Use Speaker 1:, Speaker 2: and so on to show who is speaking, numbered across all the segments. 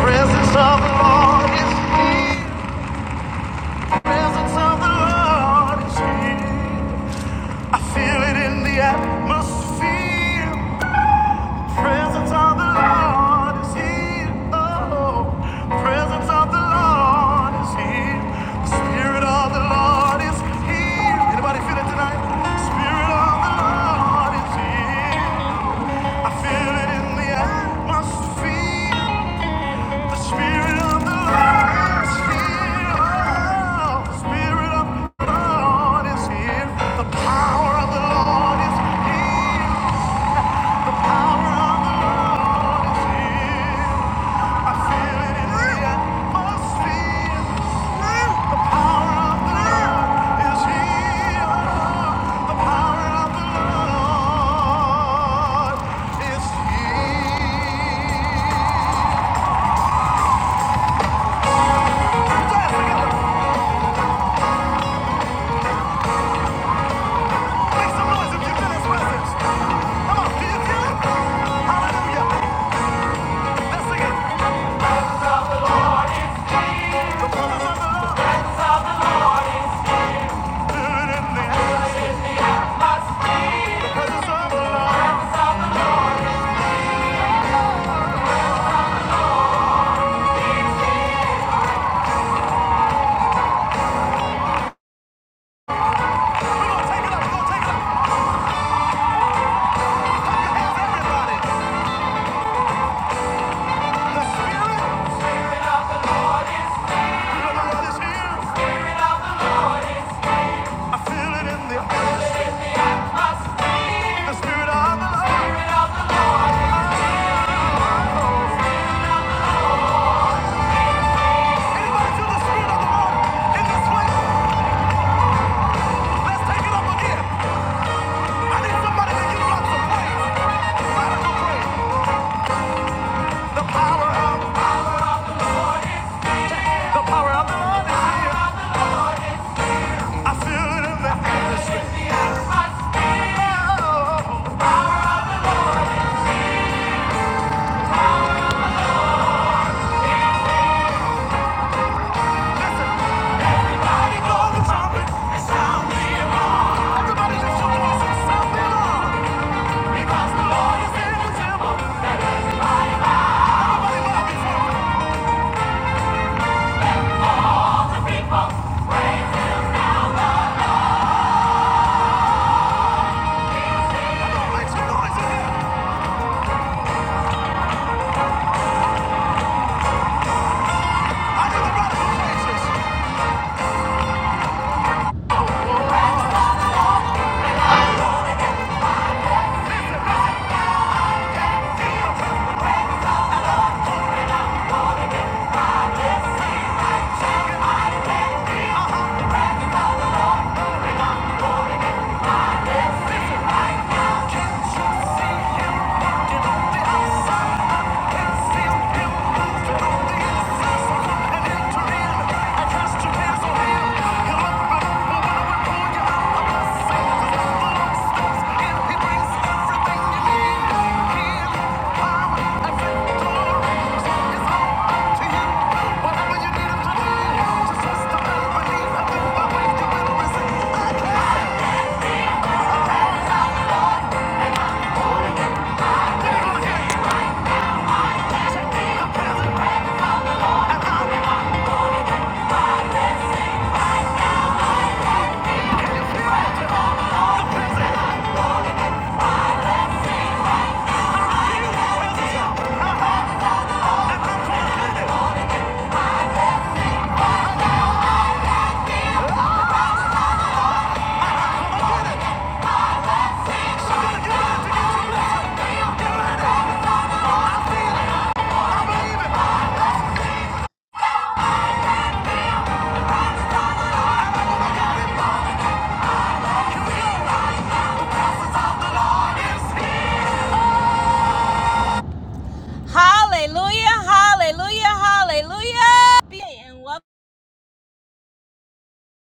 Speaker 1: Presence of the Lord is here. Presence of the Lord is here. I feel it in the atmosphere. Presence of the Lord is here. Oh, presence of the Lord is here. Spirit of the Lord is here. Anybody feel it tonight? Spirit of the Lord is here. I feel it in the atmosphere. The Spirit of the Lord is here. The power of the Lord is here. The power of the Lord is here. I feel it in the atmosphere. The power of the Lord is here. The power of the Lord is here. Make some noise if you feel his presence. Come on, feel it? Hallelujah. Let's sing it. The presence of the Lord. Feel it in the air. The presence of the Lord. we gonna take it up. we gonna take it up. Clap your everybody. The Spirit of the Lord is here. I feel it in the air. The Spirit of the Lord. Anybody the Spirit of the Lord in this place? Let's take it up again. I need somebody to give God some praise. Radical praise. The power of the power of the Lord is here. I feel it in the atmosphere. Oh, listen, everybody go to trumpet and sound the alarm. Everybody lift your voice and sound the alarm. Because the Lord is in the temple. Everybody love his word. Come make some noise I hear the brothers and sisters. Thank you. Hallelujah, hallelujah, hallelujah.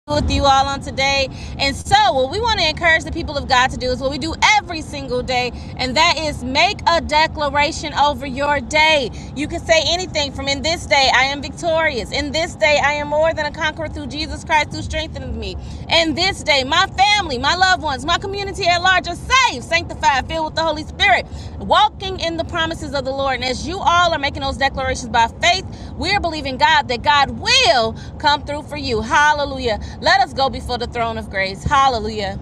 Speaker 1: with you all on today. And so, what we want to encourage the people of God to do is what we do every single day, and that is make a declaration over your day. You can say anything from in this day I am victorious, in this day I am more than a conqueror through Jesus Christ who strengthens me. In this day, my family, my loved ones, my community at large are saved, sanctified, filled with the Holy Spirit, walking in the promises of the Lord. And as you all are making those declarations by faith, we're believing God that God will come through for you. Hallelujah. Let us go before the throne of grace. Hallelujah.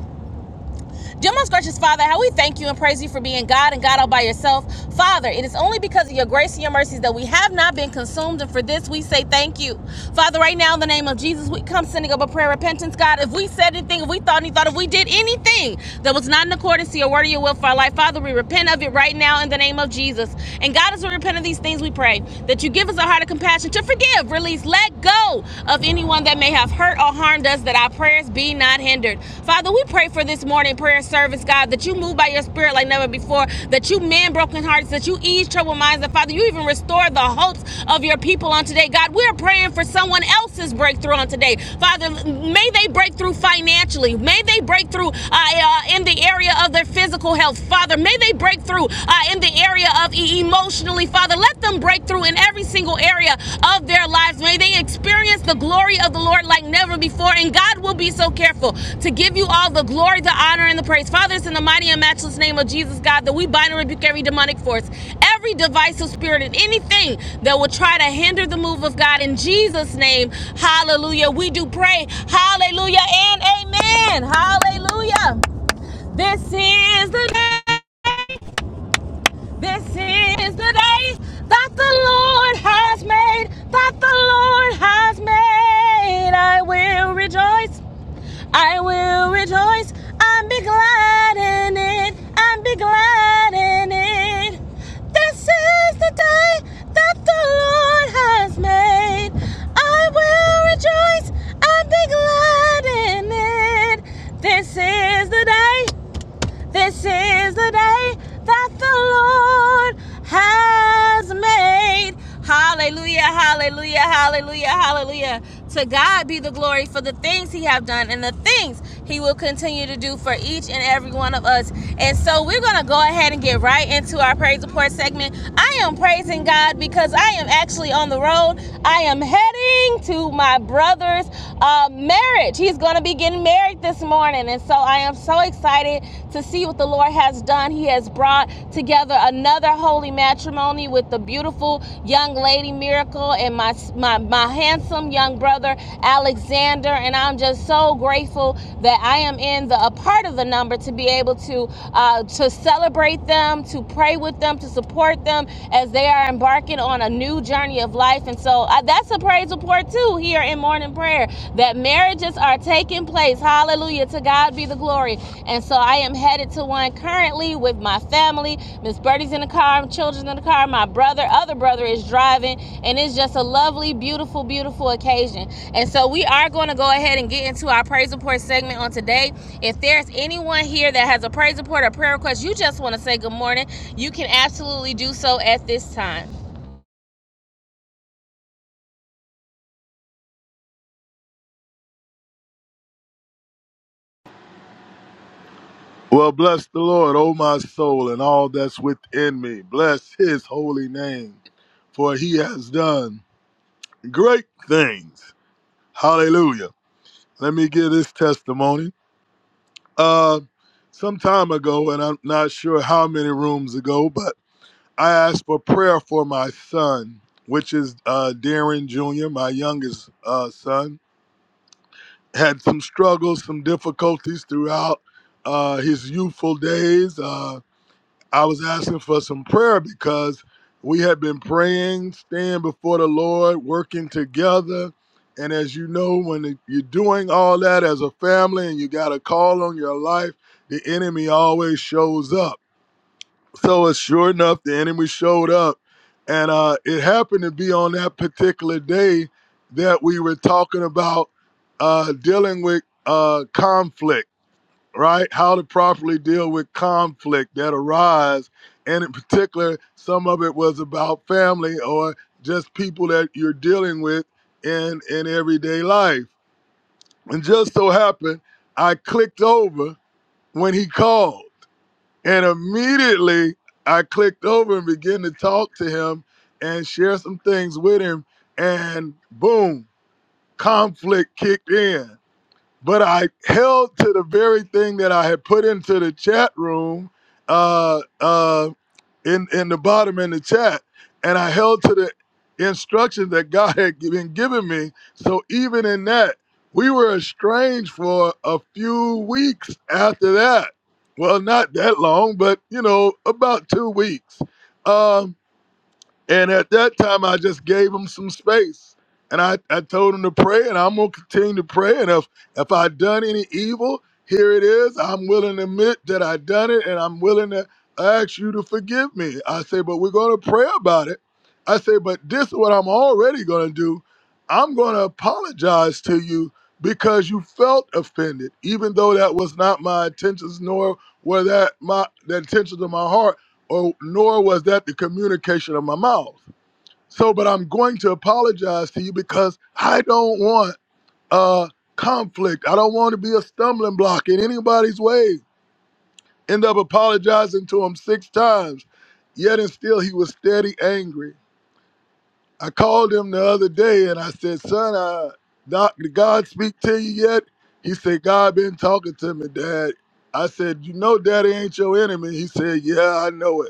Speaker 1: Dear most gracious Father, how we thank you and praise you for being God and God all by yourself. Father, it is only because of your grace and your mercies that we have not been consumed, and for this we say thank you. Father, right now in the name of Jesus, we come sending up a prayer of repentance, God. If we said anything, if we thought any thought, if we did anything that was not in accordance to your word or your will for our life, Father, we repent of it right now in the name of Jesus. And God, as we repent of these things, we pray that you give us a heart of compassion to forgive, release, let go of any anyone that may have hurt or harmed us, that our prayers be not hindered. Father, we pray for this morning prayer service, God, that you move by your spirit like never before, that you mend broken hearts, that you ease troubled minds, that Father, you even restore the hopes of your people on today. God, we're praying for someone else's breakthrough on today. Father, may they break through financially. May they break through uh, uh, in the area of their physical health. Father, may they break through uh, in the area of e- emotionally. Father, let them break through in every single area of their lives. May they experience the glory of the Lord like never before. And God will be so careful to give you all the glory, the honor, and the praise. Father, it's in the mighty and matchless name of Jesus, God, that we bind and rebuke every demonic force, every divisive spirit, and anything that will try to hinder the move of God. In Jesus' name, hallelujah. We do pray. Hallelujah and amen. Hallelujah. This is the day. This is the day that the Lord has made, that the Lord has made. I will rejoice, I will rejoice, and be glad in it, and be glad in it. This is the day that the Lord has made. I will rejoice, and be glad in it. This is the day. This is the day that the Lord has made. Hallelujah, hallelujah, hallelujah, hallelujah. To God be the glory for the things He have done and the things He will continue to do for each and every one of us. And so we're gonna go ahead and get right into our praise report segment. I am praising God because I am actually on the road. I am heading to my brother's uh, marriage. He's gonna be getting getting married this morning. And so I am so excited to see what the Lord has done. He has brought together another holy matrimony with the beautiful young lady Miracle and my, my, my handsome young brother Alexander. And I'm just so grateful that I am in the a part of the number to be able to uh, to celebrate them, to pray with them, to support them as they are embarking on a new journey of life. And so uh, that's a praise report number two here in morning prayer that marriages are taking place. Hallelujah. To God be the glory. And so I am headed to one currently with my family. Miss Birdie's in the car, children's in the car, my brother, other brother is driving. And it's just a lovely, beautiful, beautiful occasion. And so we are going to go ahead and get into our praise report segment on today. If there's anyone here that has a praise report or prayer request, you just want to say good morning, you can absolutely do so at this time.
Speaker 2: Well, bless the Lord, O my soul, and all that's within me. Bless his holy name, for he has done great things. Hallelujah. Let me give this testimony. Uh, some time ago, and I'm not sure how many rooms ago, but I asked for prayer for my son, which is uh, Darren Jr., my youngest uh, son. Had some struggles, some difficulties throughout uh, his youthful days. Uh, I was asking for some prayer because we had been praying, staying before the Lord, working together. And as you know, when you're doing all that as a family and you got a call on your life, the enemy always shows up. So it's sure enough, the enemy showed up. And uh, it happened to be on that particular day that we were talking about uh, dealing with uh, conflict right? How to properly deal with conflict that arise. And in particular, some of it was about family or just people that you're dealing with in, in everyday life. And just so happened, I clicked over when he called. And immediately I clicked over and began to talk to him and share some things with him. And boom, conflict kicked in but I held to the very thing that I had put into the chat room, uh, uh, in in the bottom in the chat, and I held to the instructions that God had gi- been giving me. So even in that, we were estranged for a few weeks after that. Well, not that long, but you know, about two weeks. Um, and at that time, I just gave him some space. And I, I told him to pray, and I'm going to continue to pray. And if, if i done any evil, here it is. I'm willing to admit that i done it, and I'm willing to ask you to forgive me. I say, but we're going to pray about it. I say, but this is what I'm already going to do. I'm going to apologize to you because you felt offended, even though that was not my intentions, nor were that my the intentions of my heart or nor was that the communication of my mouth. So, but I'm going to apologize to you because I don't want uh conflict. I don't want to be a stumbling block in anybody's way. End up apologizing to him six times, yet and still he was steady angry. I called him the other day and I said, "Son, I, doc, did God speak to you yet?" He said, "God been talking to me, Dad." I said, "You know, Daddy ain't your enemy." He said, "Yeah, I know it."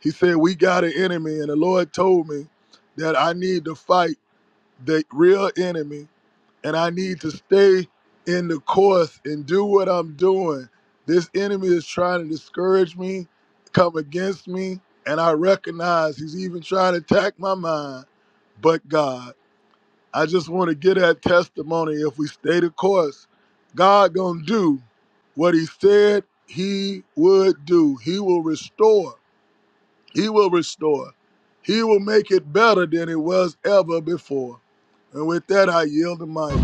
Speaker 2: He said, We got an enemy. And the Lord told me that I need to fight the real enemy and I need to stay in the course and do what I'm doing. This enemy is trying to discourage me, come against me, and I recognize he's even trying to attack my mind. But God, I just want to get that testimony. If we stay the course, God gonna do what he said he would do. He will restore he will restore. He will make it better than it was ever before. And with that, I yield the mic.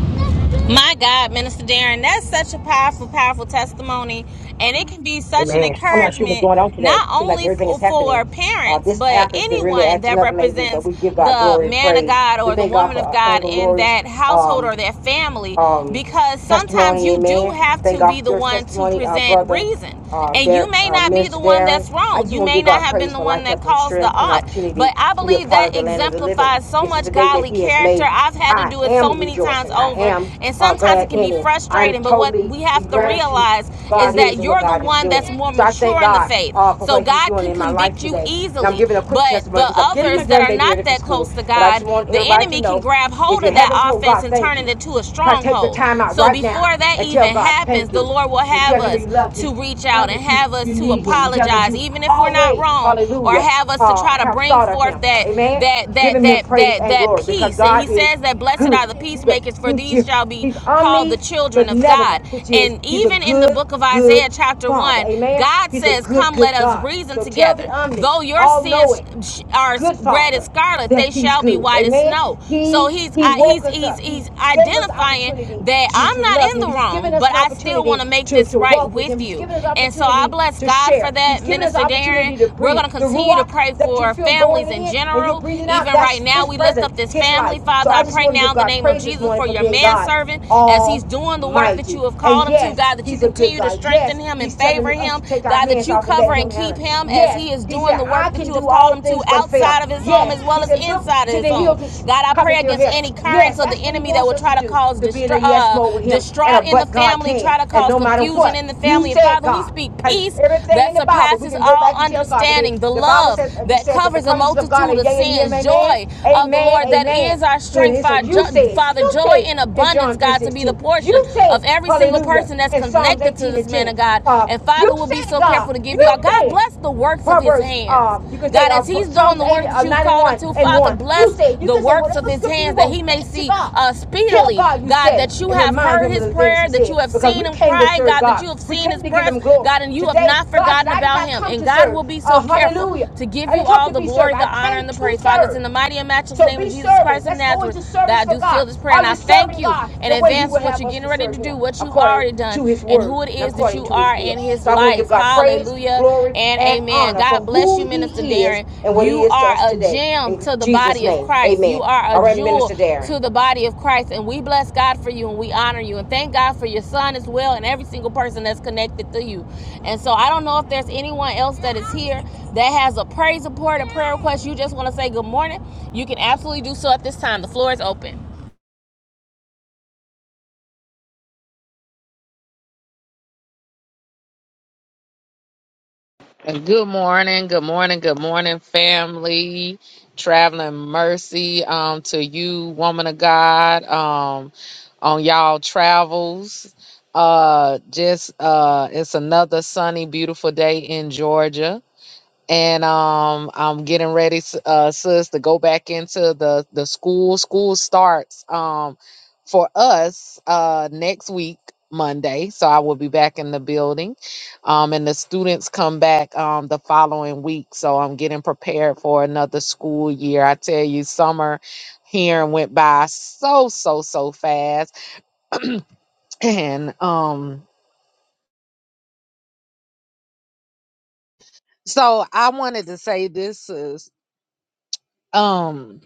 Speaker 1: My God, Minister Darren, that's such a powerful, powerful testimony. And it can be such an
Speaker 3: Amen. I'm not sure what's
Speaker 1: encouragement,
Speaker 3: going on today.
Speaker 1: not
Speaker 3: Seems like
Speaker 1: only
Speaker 3: everything
Speaker 1: for,
Speaker 3: is happening.
Speaker 1: for
Speaker 3: Uh,
Speaker 1: parents,
Speaker 3: this
Speaker 1: but
Speaker 3: app has been really
Speaker 1: anyone
Speaker 3: acting
Speaker 1: that
Speaker 3: up lately, but
Speaker 1: represents
Speaker 3: we give God
Speaker 1: the
Speaker 3: glory and
Speaker 1: man of
Speaker 3: praise.
Speaker 1: God
Speaker 3: We
Speaker 1: or the
Speaker 3: thank God
Speaker 1: woman
Speaker 3: for
Speaker 1: of
Speaker 3: uh,
Speaker 1: God
Speaker 3: Elder
Speaker 1: in
Speaker 3: Lori's.
Speaker 1: that household or
Speaker 3: um,
Speaker 1: that family.
Speaker 3: um,
Speaker 1: Because sometimes
Speaker 3: testimony.
Speaker 1: you do
Speaker 3: Amen.
Speaker 1: have
Speaker 3: Thank
Speaker 1: to
Speaker 3: God
Speaker 1: be
Speaker 3: for
Speaker 1: the
Speaker 3: your
Speaker 1: one to
Speaker 3: testimony, uh,
Speaker 1: present
Speaker 3: brother,
Speaker 1: reason.
Speaker 3: uh,
Speaker 1: And you
Speaker 3: Dar-
Speaker 1: may
Speaker 3: uh,
Speaker 1: not be the
Speaker 3: Minister
Speaker 1: one
Speaker 3: Darren.
Speaker 1: that's
Speaker 3: I
Speaker 1: wrong.
Speaker 3: just
Speaker 1: You
Speaker 3: want to
Speaker 1: may
Speaker 3: give
Speaker 1: not
Speaker 3: God
Speaker 1: have been
Speaker 3: praise
Speaker 1: the
Speaker 3: for
Speaker 1: one
Speaker 3: life,
Speaker 1: that
Speaker 3: health, and
Speaker 1: caused the
Speaker 3: strength and
Speaker 1: aught. But
Speaker 3: opportunity
Speaker 1: I
Speaker 3: to be a
Speaker 1: believe
Speaker 3: part of
Speaker 1: that
Speaker 3: the land of the living.
Speaker 1: exemplifies so
Speaker 3: This is
Speaker 1: much
Speaker 3: the day that
Speaker 1: godly
Speaker 3: He has
Speaker 1: character.
Speaker 3: made.
Speaker 1: I've had to
Speaker 3: I
Speaker 1: do it so
Speaker 3: am
Speaker 1: many times
Speaker 3: rejoicing. I
Speaker 1: over.
Speaker 3: am
Speaker 1: And
Speaker 3: uh,
Speaker 1: sometimes it
Speaker 3: glad
Speaker 1: can
Speaker 3: in
Speaker 1: be
Speaker 3: it. I'm
Speaker 1: frustrating. But what
Speaker 3: totally
Speaker 1: we
Speaker 3: in
Speaker 1: have to
Speaker 3: gratitude of
Speaker 1: realize
Speaker 3: who
Speaker 1: is
Speaker 3: God
Speaker 1: that
Speaker 3: is and what
Speaker 1: you're the
Speaker 3: God is
Speaker 1: one
Speaker 3: doing.
Speaker 1: that's more
Speaker 3: So I thank
Speaker 1: mature in the
Speaker 3: God.
Speaker 1: faith.
Speaker 3: Uh, for
Speaker 1: So
Speaker 3: what he's
Speaker 1: God
Speaker 3: doing
Speaker 1: can
Speaker 3: in my life
Speaker 1: convict you
Speaker 3: today. And I'm
Speaker 1: easily.
Speaker 3: giving a quick
Speaker 1: But
Speaker 3: testimony
Speaker 1: the
Speaker 3: because I'm getting my
Speaker 1: others that are
Speaker 3: grandbaby ready
Speaker 1: not
Speaker 3: for
Speaker 1: that
Speaker 3: school.
Speaker 1: close to
Speaker 3: But I just
Speaker 1: God,
Speaker 3: want
Speaker 1: the
Speaker 3: everybody to
Speaker 1: enemy can
Speaker 3: know
Speaker 1: grab
Speaker 3: if
Speaker 1: hold
Speaker 3: you
Speaker 1: of
Speaker 3: haven't
Speaker 1: that
Speaker 3: told
Speaker 1: offense
Speaker 3: God,
Speaker 1: and turn
Speaker 3: thank
Speaker 1: it
Speaker 3: you.
Speaker 1: into a
Speaker 3: I take the
Speaker 1: stronghold.
Speaker 3: time out
Speaker 1: So
Speaker 3: right
Speaker 1: before
Speaker 3: now
Speaker 1: before that
Speaker 3: and tell
Speaker 1: even
Speaker 3: God
Speaker 1: happens,
Speaker 3: thank
Speaker 1: the
Speaker 3: you
Speaker 1: Lord will
Speaker 3: and
Speaker 1: have
Speaker 3: tell him
Speaker 1: us
Speaker 3: you love him.
Speaker 1: to reach
Speaker 3: Tell
Speaker 1: out
Speaker 3: him
Speaker 1: and
Speaker 3: that you,
Speaker 1: have
Speaker 3: you
Speaker 1: us to
Speaker 3: need him and tell him that
Speaker 1: apologize,
Speaker 3: you
Speaker 1: even if we're not
Speaker 3: always,
Speaker 1: wrong, or
Speaker 3: hallelujah,
Speaker 1: have us to
Speaker 3: uh,
Speaker 1: try to
Speaker 3: have
Speaker 1: bring
Speaker 3: thought of
Speaker 1: forth
Speaker 3: him.
Speaker 1: that
Speaker 3: Amen.
Speaker 1: that that
Speaker 3: Giving him
Speaker 1: that
Speaker 3: praise
Speaker 1: that
Speaker 3: and
Speaker 1: that
Speaker 3: glory because
Speaker 1: peace. And He
Speaker 3: God is
Speaker 1: says that blessed
Speaker 3: good.
Speaker 1: are the
Speaker 3: He's a
Speaker 1: peacemakers, for
Speaker 3: he's
Speaker 1: these
Speaker 3: you-
Speaker 1: shall be
Speaker 3: he's
Speaker 1: called the
Speaker 3: omni
Speaker 1: children of God.
Speaker 3: benevolent, which is
Speaker 1: And
Speaker 3: he's a
Speaker 1: even in the
Speaker 3: good,
Speaker 1: book of
Speaker 3: good
Speaker 1: Isaiah, chapter
Speaker 3: father.
Speaker 1: one,
Speaker 3: Amen.
Speaker 1: God
Speaker 3: He's a
Speaker 1: says,
Speaker 3: good,
Speaker 1: "Come, let
Speaker 3: good
Speaker 1: us
Speaker 3: God.
Speaker 1: reason
Speaker 3: So tell the
Speaker 1: together.
Speaker 3: omni,
Speaker 1: Though your
Speaker 3: all
Speaker 1: sins
Speaker 3: knowing
Speaker 1: are
Speaker 3: good
Speaker 1: red as
Speaker 3: father
Speaker 1: scarlet,
Speaker 3: that
Speaker 1: they
Speaker 3: he's
Speaker 1: shall be
Speaker 3: good
Speaker 1: white as
Speaker 3: amen
Speaker 1: snow." So
Speaker 3: he
Speaker 1: so he's
Speaker 3: he
Speaker 1: I,
Speaker 3: woke
Speaker 1: he's
Speaker 3: us
Speaker 1: he's
Speaker 3: up he
Speaker 1: he's
Speaker 3: gave us
Speaker 1: identifying
Speaker 3: opportunity
Speaker 1: that
Speaker 3: to
Speaker 1: I'm
Speaker 3: to
Speaker 1: not
Speaker 3: love
Speaker 1: in
Speaker 3: him
Speaker 1: the
Speaker 3: he's given
Speaker 1: wrong,
Speaker 3: us
Speaker 1: but
Speaker 3: an
Speaker 1: I still want
Speaker 3: opportunity
Speaker 1: to make
Speaker 3: to
Speaker 1: this
Speaker 3: to
Speaker 1: right
Speaker 3: walk with
Speaker 1: with
Speaker 3: him he's
Speaker 1: you.
Speaker 3: given us
Speaker 1: And so I
Speaker 3: opportunity
Speaker 1: bless
Speaker 3: to
Speaker 1: God for
Speaker 3: share
Speaker 1: that,
Speaker 3: he's given us
Speaker 1: Minister Darren.
Speaker 3: opportunity to
Speaker 1: We're
Speaker 3: breathe
Speaker 1: going to
Speaker 3: the
Speaker 1: continue to
Speaker 3: ruach
Speaker 1: pray
Speaker 3: that you
Speaker 1: for
Speaker 3: feel going
Speaker 1: families in
Speaker 3: in and you're
Speaker 1: general.
Speaker 3: breathing out
Speaker 1: Even right
Speaker 3: that's
Speaker 1: now,
Speaker 3: his
Speaker 1: we lift
Speaker 3: presence
Speaker 1: up this
Speaker 3: his
Speaker 1: family,
Speaker 3: life so
Speaker 1: Father.
Speaker 3: i
Speaker 1: I
Speaker 3: just
Speaker 1: pray
Speaker 3: want to
Speaker 1: now
Speaker 3: give
Speaker 1: in the
Speaker 3: god
Speaker 1: name of
Speaker 3: praise this
Speaker 1: Jesus
Speaker 3: morning
Speaker 1: for
Speaker 3: for
Speaker 1: your
Speaker 3: being god
Speaker 1: manservant as he's doing the work that
Speaker 3: Almighty.
Speaker 1: you have
Speaker 3: And
Speaker 1: called him to,
Speaker 3: yes,
Speaker 1: God. That you
Speaker 3: He's a good
Speaker 1: continue to
Speaker 3: God. Yes,
Speaker 1: strengthen him and
Speaker 3: He's telling
Speaker 1: favor
Speaker 3: me us
Speaker 1: him,
Speaker 3: to take our
Speaker 1: God. That
Speaker 3: hands
Speaker 1: you
Speaker 3: off and
Speaker 1: cover
Speaker 3: let
Speaker 1: and
Speaker 3: Him handle
Speaker 1: keep
Speaker 3: it.
Speaker 1: him as
Speaker 3: Yes,
Speaker 1: he is
Speaker 3: He
Speaker 1: doing
Speaker 3: said,
Speaker 1: the work
Speaker 3: I
Speaker 1: that
Speaker 3: can
Speaker 1: you have
Speaker 3: do
Speaker 1: called
Speaker 3: all
Speaker 1: him to
Speaker 3: things
Speaker 1: you
Speaker 3: but fail.
Speaker 1: outside of his home
Speaker 3: Yes,
Speaker 1: as well
Speaker 3: He
Speaker 1: as
Speaker 3: said, look
Speaker 1: inside of
Speaker 3: to
Speaker 1: his
Speaker 3: the
Speaker 1: home.
Speaker 3: hills which
Speaker 1: God, I pray
Speaker 3: cometh their
Speaker 1: against
Speaker 3: help.
Speaker 1: any
Speaker 3: Yes,
Speaker 1: currents of the
Speaker 3: that's what He
Speaker 1: enemy that
Speaker 3: wants
Speaker 1: will
Speaker 3: us to
Speaker 1: try to
Speaker 3: do,
Speaker 1: cause
Speaker 3: to be in a
Speaker 1: distra-
Speaker 3: yes
Speaker 1: uh,
Speaker 3: mode with Him and a
Speaker 1: distraught in the
Speaker 3: but God
Speaker 1: family,
Speaker 3: can.
Speaker 1: try to
Speaker 3: And
Speaker 1: cause
Speaker 3: no matter
Speaker 1: confusion
Speaker 3: what,
Speaker 1: in the
Speaker 3: you
Speaker 1: family. And
Speaker 3: said
Speaker 1: Father, we
Speaker 3: God.
Speaker 1: speak
Speaker 3: And
Speaker 1: peace
Speaker 3: Everything
Speaker 1: that
Speaker 3: in the Bible, we
Speaker 1: surpasses
Speaker 3: can go
Speaker 1: all
Speaker 3: back and tell God. 'Cause they-
Speaker 1: understanding, the
Speaker 3: The Bible
Speaker 1: love
Speaker 3: says it
Speaker 1: that
Speaker 3: says that the
Speaker 1: covers a
Speaker 3: promises of God are
Speaker 1: multitude of
Speaker 3: yea and him,
Speaker 1: sins,
Speaker 3: amen,
Speaker 1: joy of the
Speaker 3: amen,
Speaker 1: Lord that
Speaker 3: amen.
Speaker 1: is our
Speaker 3: It
Speaker 1: strength,
Speaker 3: is a
Speaker 1: Fa-
Speaker 3: you said,
Speaker 1: Father,
Speaker 3: you
Speaker 1: joy
Speaker 3: said
Speaker 1: in
Speaker 3: in John
Speaker 1: abundance, God, to be the
Speaker 3: 3.16. You
Speaker 1: portion
Speaker 3: said,
Speaker 1: of every single
Speaker 3: hallelujah,
Speaker 1: person that's
Speaker 3: in Psalms
Speaker 1: connected to
Speaker 3: 18 and
Speaker 1: this man
Speaker 3: 10.
Speaker 1: of God.
Speaker 3: Uh,
Speaker 1: And
Speaker 3: you
Speaker 1: Father, will be
Speaker 3: said,
Speaker 1: so
Speaker 3: God,
Speaker 1: careful to
Speaker 3: you
Speaker 1: give you our God
Speaker 3: said.
Speaker 1: bless the works of his
Speaker 3: Proverbs, uh,
Speaker 1: hands.
Speaker 3: you can say
Speaker 1: God,
Speaker 3: uh,
Speaker 1: as
Speaker 3: Pro-
Speaker 1: he's doing
Speaker 3: Psalms
Speaker 1: the
Speaker 3: 80,
Speaker 1: work that
Speaker 3: uh,
Speaker 1: you've called him
Speaker 3: 91
Speaker 1: to,
Speaker 3: and
Speaker 1: Father,
Speaker 3: 1. You
Speaker 1: bless
Speaker 3: said, you
Speaker 1: the
Speaker 3: can say
Speaker 1: works
Speaker 3: whatever
Speaker 1: of his
Speaker 3: scripture you
Speaker 1: hands that he
Speaker 3: want
Speaker 1: may
Speaker 3: back to
Speaker 1: see
Speaker 3: God.
Speaker 1: uh,
Speaker 3: Tell
Speaker 1: speedily,
Speaker 3: God you
Speaker 1: God,
Speaker 3: said it
Speaker 1: that you
Speaker 3: and
Speaker 1: have
Speaker 3: remind
Speaker 1: heard
Speaker 3: him of
Speaker 1: his
Speaker 3: the things he
Speaker 1: prayer, that
Speaker 3: said
Speaker 1: you have
Speaker 3: because
Speaker 1: seen
Speaker 3: we
Speaker 1: him
Speaker 3: came to
Speaker 1: crying,
Speaker 3: serve
Speaker 1: God, that
Speaker 3: God.
Speaker 1: you have
Speaker 3: We
Speaker 1: seen his
Speaker 3: came to give
Speaker 1: press,
Speaker 3: him glory.
Speaker 1: God, and you have
Speaker 3: Today,
Speaker 1: not
Speaker 3: God said,
Speaker 1: forgotten
Speaker 3: I did
Speaker 1: about
Speaker 3: not
Speaker 1: him.
Speaker 3: come
Speaker 1: And
Speaker 3: to
Speaker 1: God
Speaker 3: serve.
Speaker 1: will be so
Speaker 3: Uh,
Speaker 1: careful
Speaker 3: hallelujah.
Speaker 1: to give
Speaker 3: I
Speaker 1: you
Speaker 3: didn't come
Speaker 1: all
Speaker 3: to
Speaker 1: the
Speaker 3: be served.
Speaker 1: glory, the
Speaker 3: I
Speaker 1: honor, and
Speaker 3: came
Speaker 1: the
Speaker 3: to
Speaker 1: praise. Father, it's
Speaker 3: serve.
Speaker 1: in the mighty and matchless
Speaker 3: So
Speaker 1: name of
Speaker 3: be
Speaker 1: Jesus
Speaker 3: service.
Speaker 1: Christ of
Speaker 3: Let's go
Speaker 1: Nazareth
Speaker 3: into
Speaker 1: that
Speaker 3: service
Speaker 1: I
Speaker 3: for
Speaker 1: do
Speaker 3: God.
Speaker 1: seal this prayer.
Speaker 3: Are
Speaker 1: And I
Speaker 3: you
Speaker 1: thank
Speaker 3: serving
Speaker 1: you
Speaker 3: God
Speaker 1: in
Speaker 3: the way He
Speaker 1: advance for
Speaker 3: would
Speaker 1: what
Speaker 3: have
Speaker 1: you're
Speaker 3: us to
Speaker 1: getting ready
Speaker 3: serve
Speaker 1: to
Speaker 3: Him
Speaker 1: do, what you've
Speaker 3: according
Speaker 1: already done,
Speaker 3: to His
Speaker 1: and who
Speaker 3: word
Speaker 1: it is
Speaker 3: and
Speaker 1: is that
Speaker 3: according
Speaker 1: you
Speaker 3: to His
Speaker 1: are in
Speaker 3: will?
Speaker 1: his
Speaker 3: So I want to give
Speaker 1: life.
Speaker 3: God praise,
Speaker 1: Hallelujah
Speaker 3: glory,
Speaker 1: and
Speaker 3: and
Speaker 1: amen.
Speaker 3: honor
Speaker 1: God
Speaker 3: for
Speaker 1: bless you,
Speaker 3: who
Speaker 1: Minister
Speaker 3: He is
Speaker 1: Darren.
Speaker 3: and what He
Speaker 1: You
Speaker 3: is to us
Speaker 1: are a
Speaker 3: today.
Speaker 1: gem
Speaker 3: In
Speaker 1: to the
Speaker 3: Jesus'
Speaker 1: body of
Speaker 3: name,
Speaker 1: Christ.
Speaker 3: amen.
Speaker 1: You are a
Speaker 3: All right,
Speaker 1: jewel
Speaker 3: Minister Darren.
Speaker 1: to the body of Christ. And we bless God for you and we honor you. And thank God for your son as well and every single person that's connected to you. And so I don't know if there's anyone else that is here that has a praise report, a prayer request. You just want to say good morning. You can absolutely do so at this time. The floor is open.
Speaker 4: Good morning, good morning, good morning, family. Traveling mercy um to you, woman of God, um, on y'all travels. Uh just uh it's another sunny, beautiful day in Georgia and um I'm getting ready s- uh sis to go back into the the school school starts um for us uh next week Monday so I will be back in the building um and the students come back um the following week so I'm getting prepared for another school year I tell you summer here went by so so so fast and um so I wanted to say this is um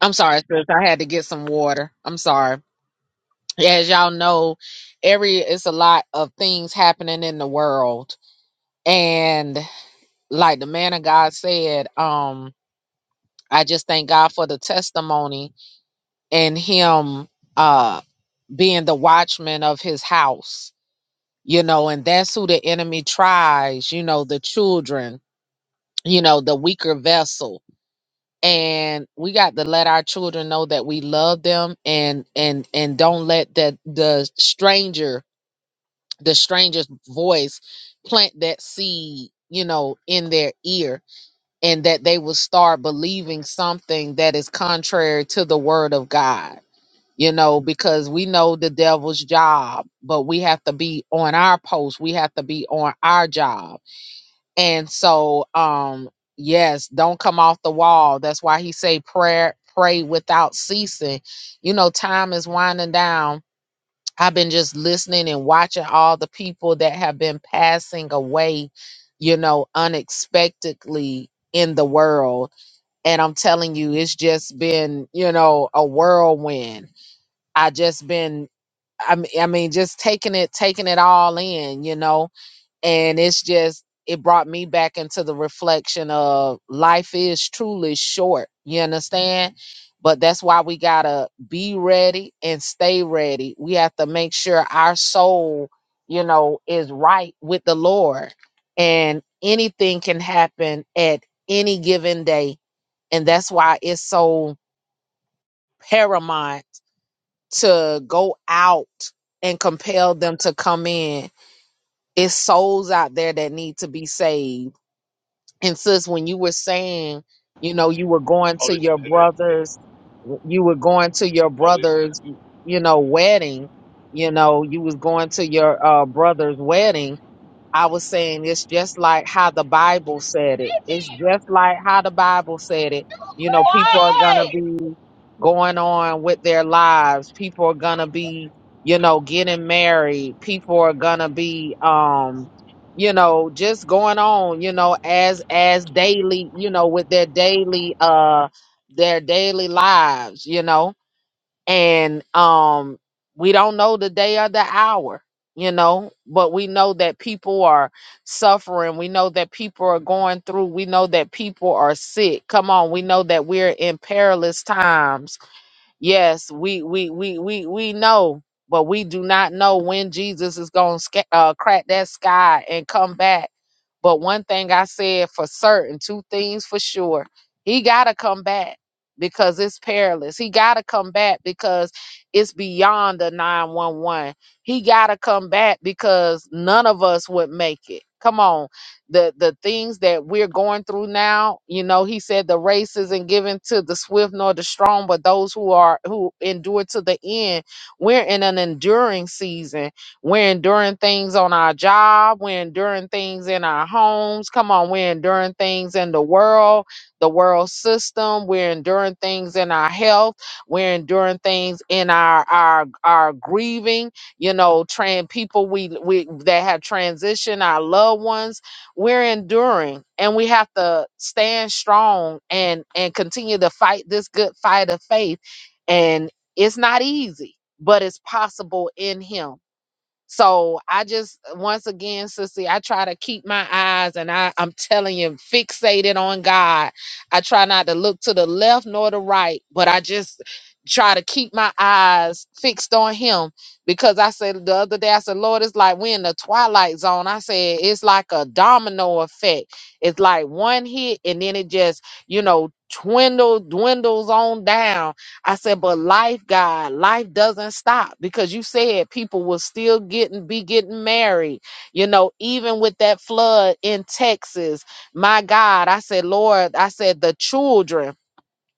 Speaker 4: I'm sorry, sis. I had to get some water. I'm sorry. Yeah, As y'all know, every it's a lot of things happening in the world. And like the man of God said, um, I just thank God for the testimony and him uh being the watchman of his house, you know, and that's who the enemy tries, you know, the children, you know, the weaker vessels. and we got to let our children know that we love them and and and don't let that the stranger the stranger's voice plant that seed you know in their ear and that they will start believing something that is contrary to the word of god you know because we know the devil's job but we have to be on our post we have to be on our job and so, um, yes, don't come off the wall. That's why he say prayer, pray without ceasing. You know, time is winding down. I've been just listening and watching all the people that have been passing away, you know, unexpectedly in the world. And I'm telling you, it's just been, you know, a whirlwind. I just been I mean, I mean, just taking it, taking it all in, you know and it's just it brought me back into the reflection of life is truly short you understand but that's why we gotta be ready and stay ready we have to make sure our soul you know is right with the lord and anything can happen at any given day and that's why it's so paramount to go out and compel them to come in it's souls out there that need to be saved And sis, when you were saying, you know, you were going to
Speaker 5: Police,
Speaker 4: your
Speaker 5: uh,
Speaker 4: brother's, you were going to your
Speaker 5: police.
Speaker 4: brother's, you know, wedding, you know, you was going to your uh, brother's wedding I was saying it's just like how the Bible said it. It's
Speaker 5: uh,
Speaker 4: just like how the Bible said it. You know, people are going
Speaker 5: Quiet!
Speaker 4: to be going on with their lives. People are going to be, you know, getting married. People are going to be um you know, just going on, you know, as as daily, you know, with their daily uh their daily lives, you know and um we don't know the day or the hour you know but we know that people are suffering we know that people are going through we know that people are sick come on we know that we're in perilous times Yes, we we we we we know, but we do not know when Jesus is going to uh, crack that sky and come back. But one thing I said for certain, two things for sure, he got to come back because it's perilous. He got to come back because it's beyond the 911. He got to come back because none of us would make it. Come on the the things that we're going through now you know he said the race isn't given to the swift nor the strong but those who are who endure to the end we're in an enduring season we're enduring things on our job we're enduring things in our homes come on we're enduring things in the world the world system we're enduring things in our health we're enduring things in our our our grieving you know trans people we we that have transitioned our loved ones we're enduring and we have to stand strong and and continue to fight this good fight of faith and it's not easy but it's possible in him so I just once again, sissy, I try to keep my eyes and I, I'm telling you, fixated on God. I try not to look to the left nor the right, but I just try to keep my eyes fixed on him because I said the other day, I said, Lord, it's like we're in the twilight zone. I said it's like a domino effect. It's like one hit and then it just, you know, dwindle, dwindles on down I said, but life, God, life doesn't stop because you said people will still getting be getting married. You know, even with that flood in Texas, my God, I said, Lord, I said the children,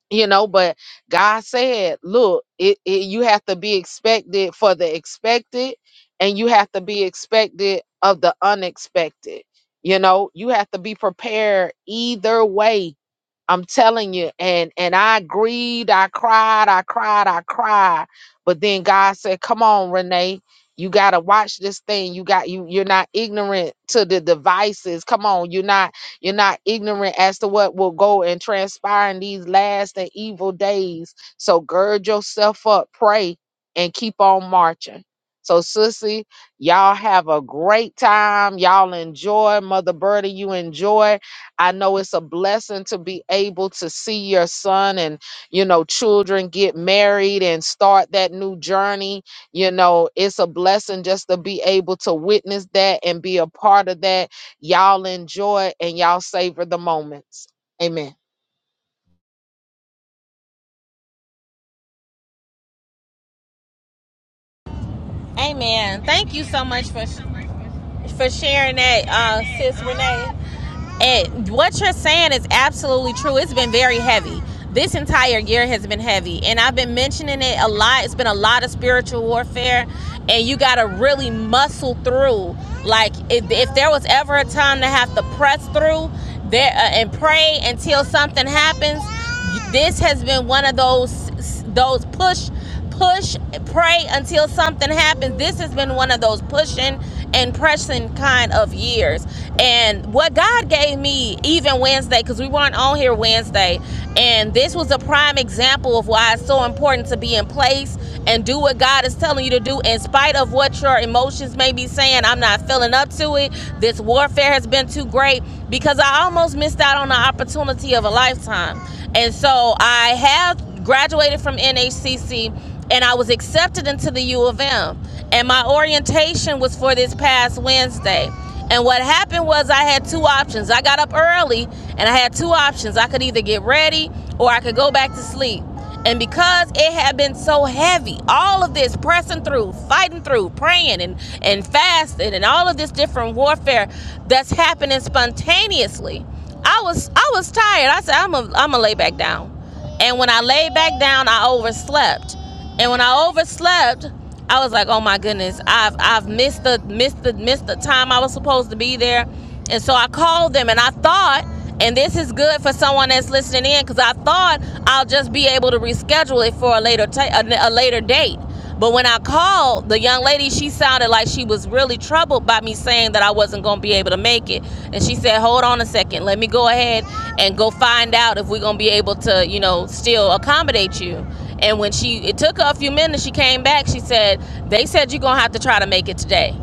Speaker 4: you know, but God said, look, it, it you have to be expected for the expected, and you have to be expected of the unexpected. You know, you have to be prepared either way I'm telling you, and and I grieved, I cried, I cried, I cried. But then God said, "Come on, Renee, you gotta watch this thing. You got you. You're not ignorant to the devices. Come on, you're not you're not ignorant as to what will go and transpire in these last and evil days. So gird yourself up, pray, and keep on marching." So, sissy, y'all have a great time. Y'all enjoy. Mother Birdie, you enjoy. I know it's a blessing to be able to see your son and, you know, children get married and start that new journey. You know, it's a blessing just to be able to witness that and be a part of that. Y'all enjoy and y'all savor the moments. Amen.
Speaker 1: Amen. Thank you so much for for sharing that, uh, sis Renee. And what you're saying is absolutely true. It's been very heavy. This entire year has been heavy, and I've been mentioning it a lot. It's been a lot of spiritual warfare, and you got to really muscle through. Like if, if there was ever a time to have to press through there uh, and pray until something happens, this has been one of those those push push pray until something happens this has been one of those pushing and pressing kind of years and what god gave me even wednesday because we weren't on here wednesday and this was a prime example of why it's so important to be in place and do what god is telling you to do in spite of what your emotions may be saying i'm not feeling up to it this warfare has been too great because I almost missed out on the opportunity of a lifetime. And so I have graduated from NHCC and I was accepted into the U of M. And my orientation was for this past Wednesday. And what happened was I had two options. I got up early and I had two options. I could either get ready or I could go back to sleep. And because it had been so heavy, all of this pressing through, fighting through, praying and, and fasting and all of this different warfare that's happening spontaneously, I was I was tired. I said, I'm a, am a lay back down. And when I laid back down, I overslept. And when I overslept, I was like, "Oh my goodness, I've I've missed the missed the missed the time I was supposed to be there." And so I called them, and I thought, and this is good for someone that's listening in, because I thought I'll just be able to reschedule it for a later ta- a, a later date. But when I called the young lady, she sounded like she was really troubled by me saying that I wasn't going to be able to make it. And she said, "Hold on a second. Let me go ahead and go find out if we're going to be able to, you know, still accommodate you." And when she it took her a few minutes, she came back. She said, "They said you're going to have to try to make it today."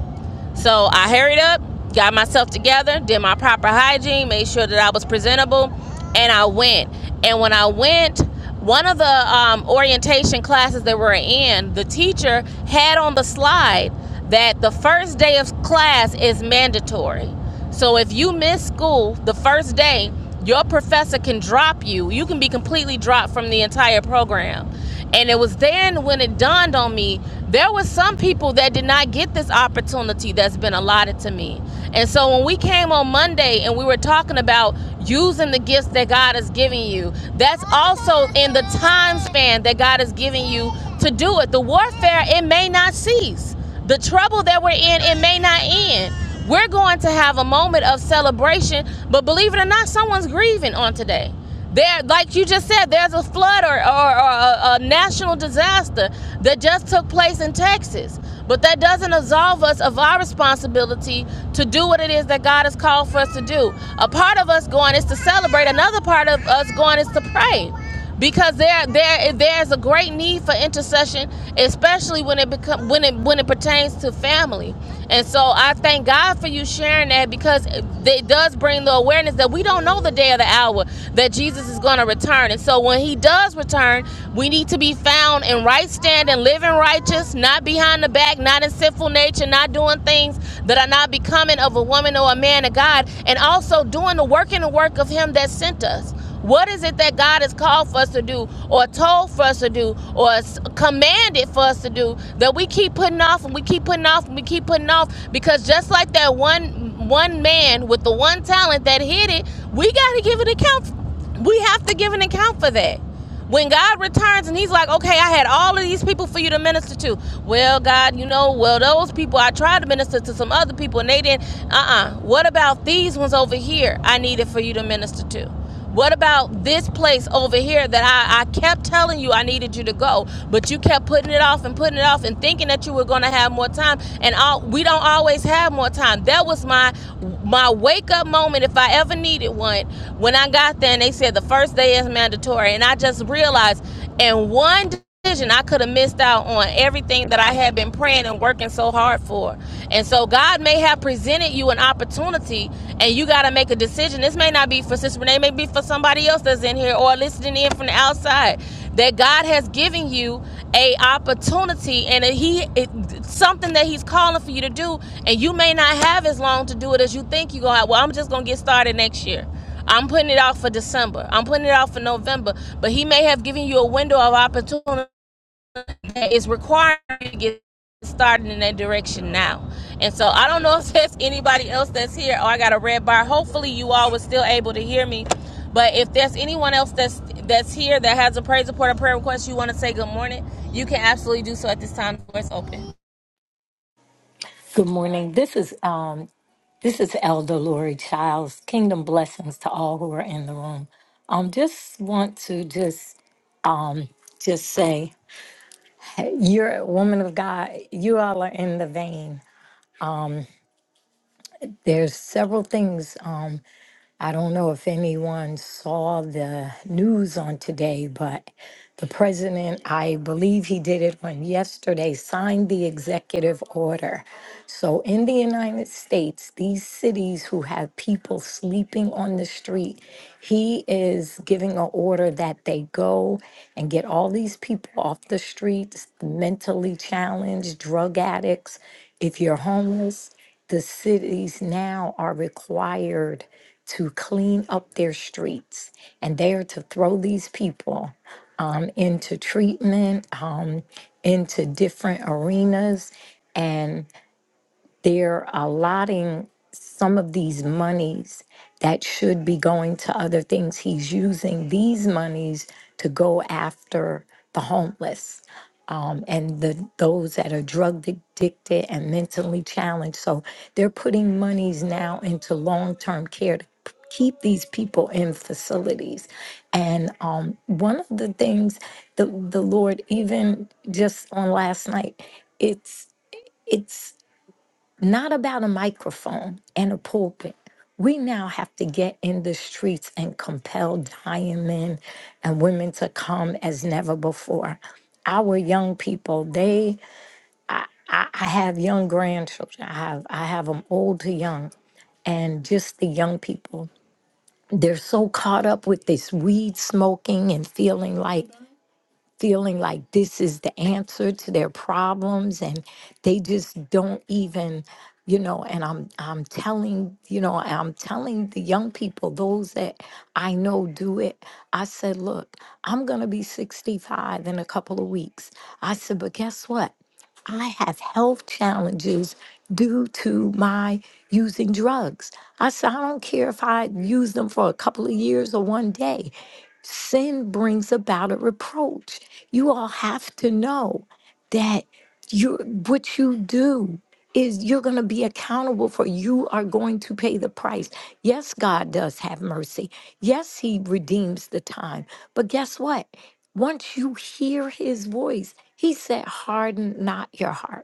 Speaker 1: So I hurried up, got myself together, did my proper hygiene, made sure that I was presentable, and I went. And when I went, one of the um, orientation classes that we're in, the teacher had on the slide that the first day of class is mandatory. So if you miss school the first day, your professor can drop you. You can be completely dropped from the entire program. And it was then when it dawned on me, there were some people that did not get this opportunity that's been allotted to me. And so when we came on Monday and we were talking about using the gifts that God has given you, that's also in the time span that God has given you to do it. The warfare, it may not cease the trouble that we're in, it may not end. We're going to have a moment of celebration, but believe it or not, someone's grieving on today. There, like you just said, there's a flood or, or, or a, a national disaster that just took place in Texas. But that doesn't absolve us of our responsibility to do what it is that God has called for us to do. A part of us going is to celebrate, another part of us going is to pray because there there there's a great need for intercession, especially when it become when it when it pertains to family. And so I thank God for you sharing that because it it does bring the awareness that we don't know the day or the hour that Jesus is going to return. And so when he does return, we need to be found in right standing, living righteous, not behind the back, not in sinful nature, not doing things that are not becoming of a woman or a man of God, and also doing the work and the work of him that sent us. What is it that God has called for us to do, or told for us to do, or commanded for us to do that we keep putting off and we keep putting off and we keep putting off? Because just like that one one man with the one talent that hid it, we got to give an account. We have to give an account for that. When God returns and He's like, okay, I had all of these people for you to minister to. Well, God, you know, well, those people, I tried to minister to some other people and they didn't. Uh uh What about these ones over here I needed for you to minister to? What about this place over here that I, I kept telling you I needed you to go, but you kept putting it off and putting it off and thinking that you were going to have more time? time and all we don't always have more time that was my my wake up moment if i ever needed one when i got there and they said the first day is mandatory and i just realized in one decision i could have missed out on everything that i had been praying and working so hard for and so god may have presented you an opportunity and you got to make a decision this may not be for sister renee it may be for somebody else that's in here or listening in from the outside that God has given you a opportunity and a, he it, something that he's calling for you to do and you may not have as long to do it as you think you go have. Well, I'm just going to get started next year. I'm putting it out for December. I'm putting it out for November, but he may have given you a window of opportunity that is requiring you to get started in that direction now. And so I don't know if there's anybody else that's here. Oh, I got a red bar. Hopefully you all were still able to hear me. But if there's anyone else that's that's here that has a praise report or prayer request you want to say good morning, you can absolutely do so at this time. The Doors open.
Speaker 6: Good morning. This is um this is Elder Lori Childs. Kingdom blessings to all who are in the room. Um, just want to just um just say hey, you're a woman of God. You all are in the vein. There's several things. Um, I don't know if anyone saw the news on today, but the president, I believe he did it on yesterday, signed the executive order. So in the United States, these cities who have people sleeping on the street, he is giving an order that they go and get all these people off the streets, mentally challenged, drug addicts. If you're homeless, the cities now are required to clean up their streets and they are to throw these people um, into treatment, um, into different arenas. And they're allotting some of these monies that should be going to other things. He's using these monies to go after the homeless um, and the those that are drug addicted and mentally challenged. So they're putting monies now into long term care to p- keep these people in facilities. And um, one of the things the the Lord even just on last night, it's it's not about a microphone and a pulpit. We now have to get in the streets and compel dying men and women to come as never before. Our young people, they, I, I have young grandchildren. I have, I have them old to young. And just the young people, they're so caught up with this weed smoking and feeling like feeling like this is the answer to their problems and they just don't even you know and i'm i'm telling you know i'm telling the young people those that i know do it i said look i'm going to be 65 in a couple of weeks i said but guess what I have health challenges due to my using drugs. I said, I don't care if I use them for a couple of years or one day sin brings about a reproach. You all have to know that you what you do is you're going to be accountable for you are going to pay the price. Yes, God does have mercy. Yes, he redeems the time. But guess what? Once you hear his voice, he said harden not your heart.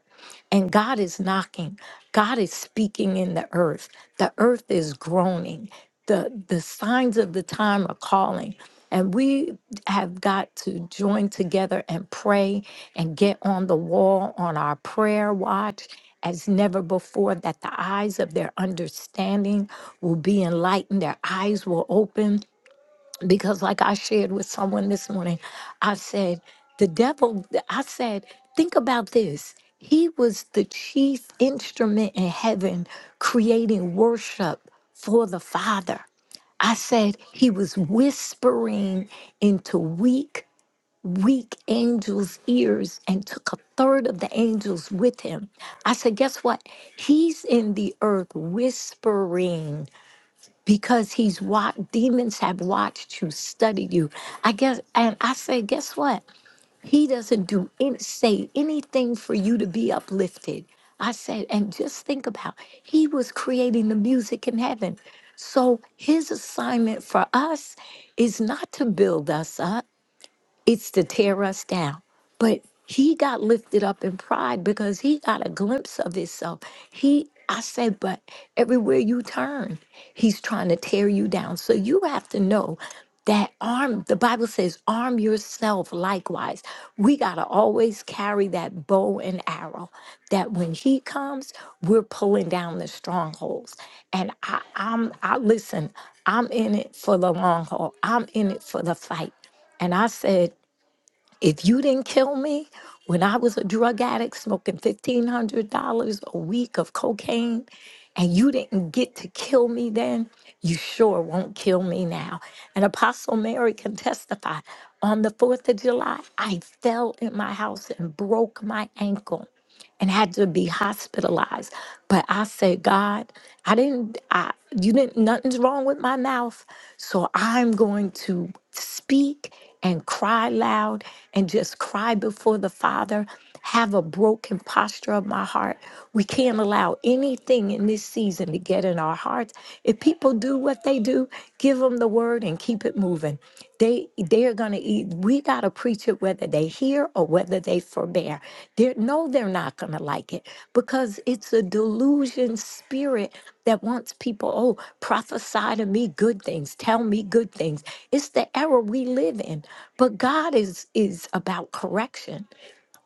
Speaker 6: And God is knocking. God is speaking in the earth. The earth is groaning. The, the signs of the time are calling. And we have got to join together and pray and get on the wall on our prayer watch as never before, that the eyes of their understanding will be enlightened, their eyes will open, because like i shared with someone this morning i said the devil i said think about this he was the chief instrument in heaven creating worship for the father i said he was whispering into weak weak angels ears and took a third of the angels with him i said guess what he's in the earth whispering because he's watched demons have watched you study you i guess and i say guess what he doesn't do any, say anything for you to be uplifted i said and just think about he was creating the music in heaven so his assignment for us is not to build us up it's to tear us down. But he got lifted up in pride because he got a glimpse of himself. He, I said, but everywhere you turn, he's trying to tear you down. So you have to know that arm, the Bible says, arm yourself likewise. We got to always carry that bow and arrow that when he comes, we're pulling down the strongholds. And I, I'm, I listen, I'm in it for the long haul, I'm in it for the fight. And I said, if you didn't kill me when I was a drug addict smoking $1,500 a week of cocaine, and you didn't get to kill me then, you sure won't kill me now. And Apostle Mary can testify on the 4th of July, I fell in my house and broke my ankle and had to be hospitalized. But I said, God, I didn't, I, you didn't, nothing's wrong with my mouth. So I'm going to speak and cry loud and just cry before the Father, have a broken posture of my heart. We can't allow anything in this season to get in our hearts. If people do what they do, give them the word and keep it moving they they are going to eat we got to preach it whether they hear or whether they forbear they no they're not going to like it because it's a delusion spirit that wants people oh prophesy to me good things tell me good things it's the era we live in but god is is about correction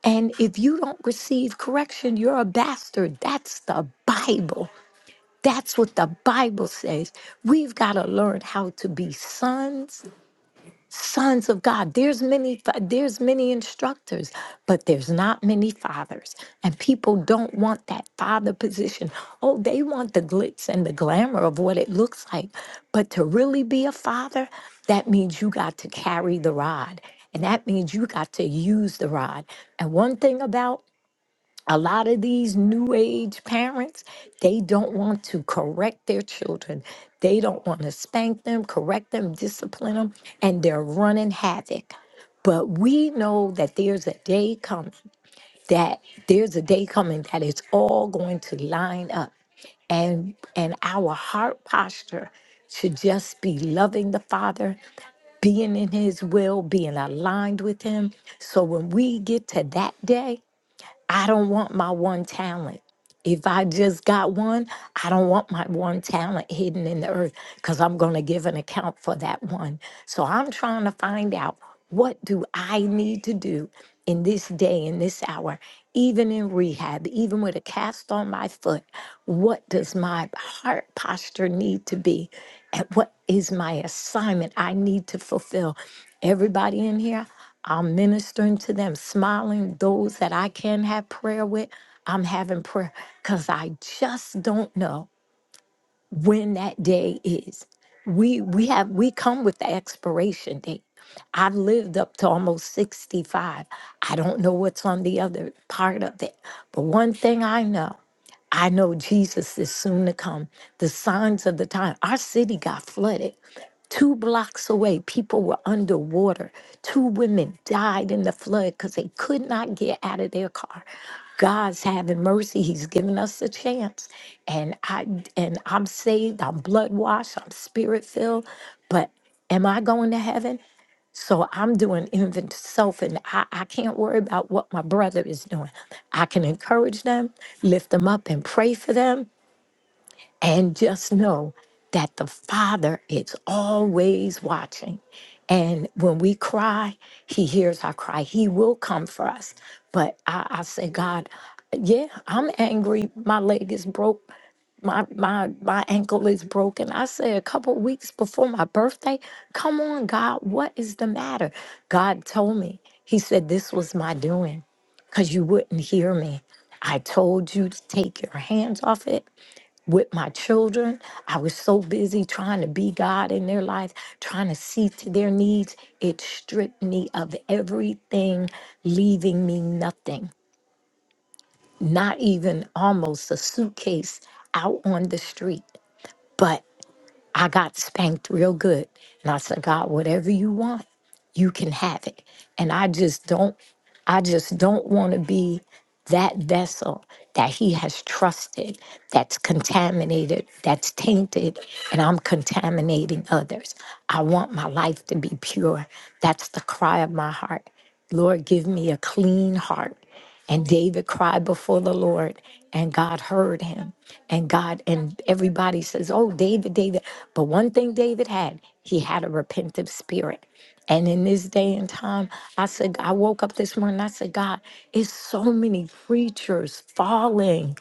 Speaker 6: and if you don't receive correction you're a bastard that's the bible that's what the Bible says. We've got to learn how to be sons, sons of God. There's many fa- there's many instructors, but there's not many fathers. And people don't want that father position. Oh, they want the glitz and the glamour of what it looks like. But to really be a father, that means you got to carry the rod. And that means you got to use the rod. And one thing about a lot of these new age parents they don't want to correct their children they don't want to spank them correct them discipline them and they're running havoc but we know that there's a day coming that there's a day coming that it's all going to line up and and our heart posture should just be loving the father being in his will being aligned with him so when we get to that day I don't want my one talent. If I just got one, I don't want my one talent hidden in the earth because I'm going to give an account for that one. So I'm trying to find out what do I need to do in this day, in this hour, even in rehab, even with a cast on my foot. What does my heart posture need to be? And what is my assignment I need to fulfill? Everybody in here, I'm ministering to them, smiling. Those that I can have prayer with, I'm having prayer because I just don't know when that day is. We we have we come with the expiration date. I've lived up to almost 65. I don't know what's on the other part of it. But one thing I know. I know Jesus is soon to come. The signs of the time. Our city got flooded. Two blocks away, people were underwater. Two women died in the flood because they could not get out of their car. God's having mercy. He's giving us a chance. And I and I'm saved. I'm blood washed. I'm spirit filled. But am I going to heaven? So I'm doing inventory self, and I, I can't worry about what my brother is doing. I can encourage them, lift them up, and pray for them. And just know that the Father is always watching. And when we cry, He hears our cry. He will come for us. But I, I say, God, yeah, I'm angry. My leg is broke. My my my ankle is broken. I said a couple weeks before my birthday, come on, God, what is the matter? God told me. He said this was my doing because you wouldn't hear me. I told you to take your hands off it with my children. I was so busy trying to be God in their life, trying to see to their needs. It stripped me of everything, leaving me nothing, not even almost a suitcase out on the street. But I got spanked real good. And I said, God, whatever you want, you can have it. And I just don't, I just don't want to be that vessel that he has trusted, that's contaminated, that's tainted, and I'm contaminating others. I want my life to be pure. That's the cry of my heart. Lord, give me a clean heart and David cried before the Lord, and God heard him. And God, and everybody says, Oh, David, David. But one thing David had, he had a repentant spirit. And in this day and time, I said, I woke up this morning, I said, God, it's so many preachers falling.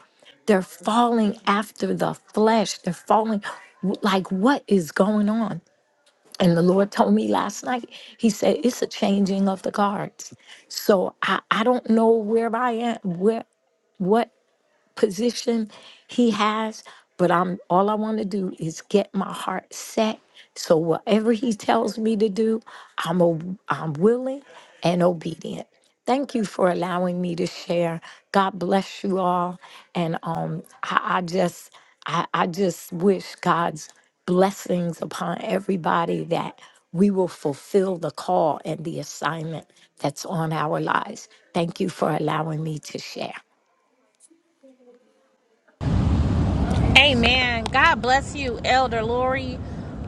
Speaker 6: They're falling after the flesh. They're falling. Like, what is going on? And the Lord told me last night, He said, it's a changing of the guards. So I, I don't know where I am, where what position he has, but I'm all I want to do is get my heart set. So whatever he tells me to do, I'm a, I'm willing and obedient. Thank you for allowing me to share. God bless you all, and um, I, I just I, I just wish God's blessings upon everybody that we will fulfill the call and the assignment that's on our lives. Thank you for allowing me to share.
Speaker 1: Amen. God bless you, Elder Lori.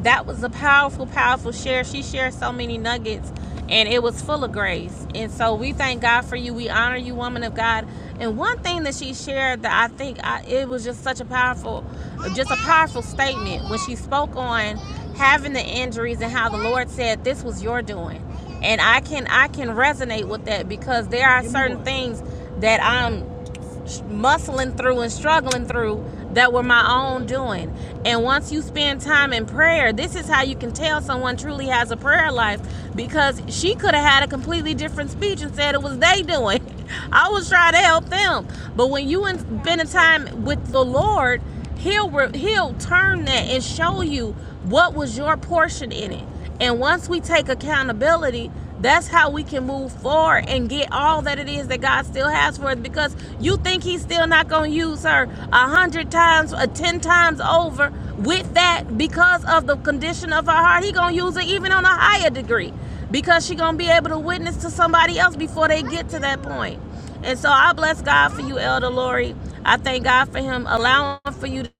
Speaker 1: That was a powerful, powerful share. She shared so many nuggets and it was full of grace. And so we thank God for you. We honor you, woman of God. And one thing that she shared that I think I, it was just such a powerful, just a powerful statement when she spoke on having the injuries and how the Lord said this was your doing. And I can I can resonate with that because there are certain things that I'm muscling through and struggling through that were my own doing. And once you spend time in prayer, this is how you can tell someone truly has a prayer life because she could have had a completely different speech and said it was they doing. I was trying to help them. But when you in- spend a time with the Lord, He'll re- he'll turn that and show you what was your portion in it. And once we take accountability, that's how we can move forward and get all that it is that God still has for us. Because you think He's still not going to use her a hundred times or ten times over with that because of the condition of her heart. He going to use her even on a higher degree because she going to be able to witness to somebody else before they get to that point. And so I bless God for you, Elder Lori. I thank God for Him allowing for you to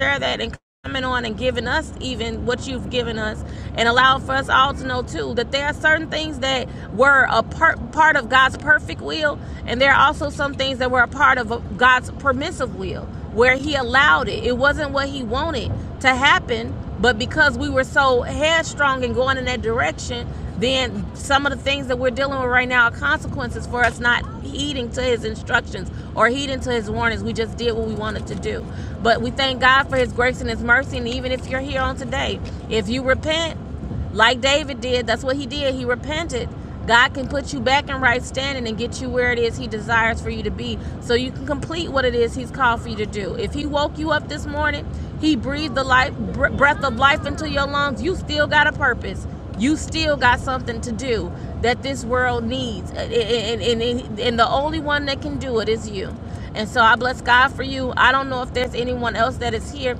Speaker 1: share that and coming on and giving us even what you've given us and allowing for us all to know too that there are certain things that were a part part of God's perfect will and there are also some things that were a part of God's permissive will where he allowed it it wasn't what he wanted to happen but because we were so headstrong and going in that direction, then some of the things that we're dealing with right now are consequences for us not heeding to his instructions or heeding to his warnings. We just did what we wanted to do. But we thank God for his grace and his mercy. And even if you're here on today, if you repent, like David did, that's what he did. He repented. God can put you back in right standing and get you where it is He desires for you to be so you can complete what it is He's called for you to do. If He woke you up this morning, He breathed the life, breath of life into your lungs, you still got a purpose. You still got something to do that this world needs. and, and, and and the only one that can do it is you. And so I bless God for you. I don't know if there's anyone else that is here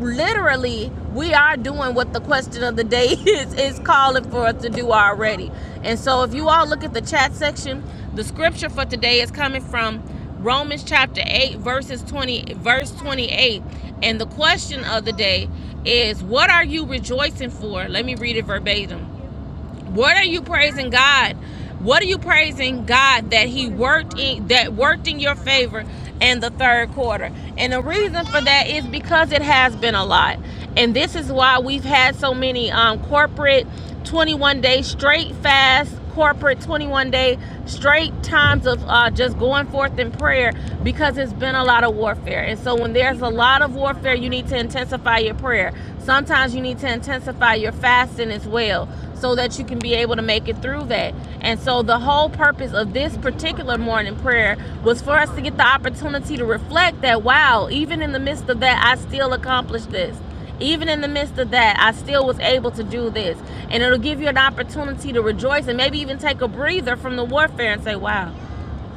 Speaker 1: literally we are doing what the question of the day is is calling for us to do already and so if you all look at the chat section the scripture for today is coming from romans chapter 8 verses 20 verse 28 and the question of the day is what are you rejoicing for let me read it verbatim what are you praising God? What are you praising God that He worked in that worked in your favor in the third quarter? And the reason for that is because it has been a lot. And this is why we've had so many um, corporate 21 day straight fast corporate 21 day straight times of uh, just going forth in prayer because it's been a lot of warfare. And so when there's a lot of warfare, you need to intensify your prayer. Sometimes you need to intensify your fasting as well so that you can be able to make it through that. And so the whole purpose of this particular morning prayer was for us to get the opportunity to reflect that wow, even in the midst of that, I still accomplished this even in the midst of that, I still was able to do this. And it'll give you an opportunity to rejoice and maybe even take a breather from the warfare and say, wow,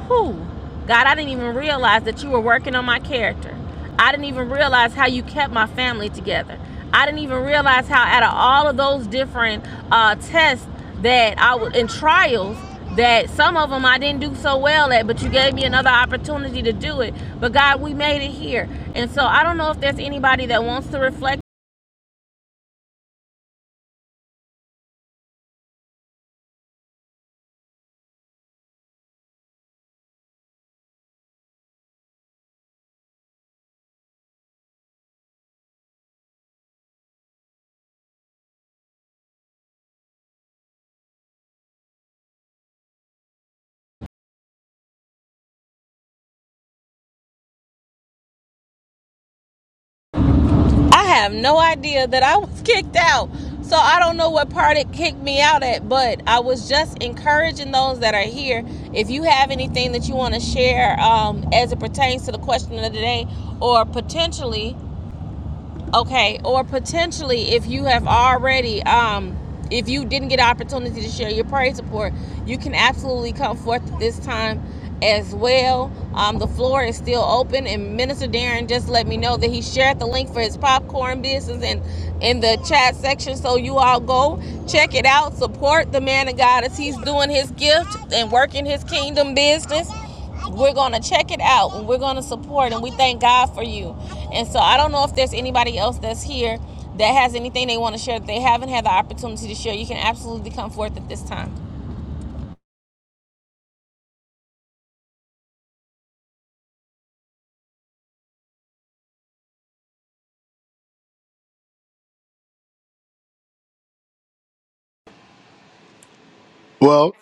Speaker 1: whew, God, I didn't even realize that you were working on my character. I didn't even realize how you kept my family together. I didn't even realize how, out of all of those different uh, tests that I was in trials, that some of them I didn't do so well at, but you gave me another opportunity to do it. But God, we made it here. And so I don't know if there's anybody that wants to reflect I have no idea that I was kicked out. So I don't know what part it kicked me out at, but I was just encouraging those that are here. If you have anything that you want to share um, as it pertains to the question of the day or potentially okay or potentially if you have already um if you didn't get an opportunity to share your praise report you can absolutely come forth this time as well um the floor is still open and minister darren just let me know that he shared the link for his popcorn business in in the chat section so you all go check it out support the man of god as he's doing his gift and working his kingdom business we're gonna check it out and we're gonna support and we thank God for you. And so I don't know if there's anybody else that's here that has anything they want to share that they haven't had the opportunity to share. You can absolutely come forth at this time.
Speaker 2: Well,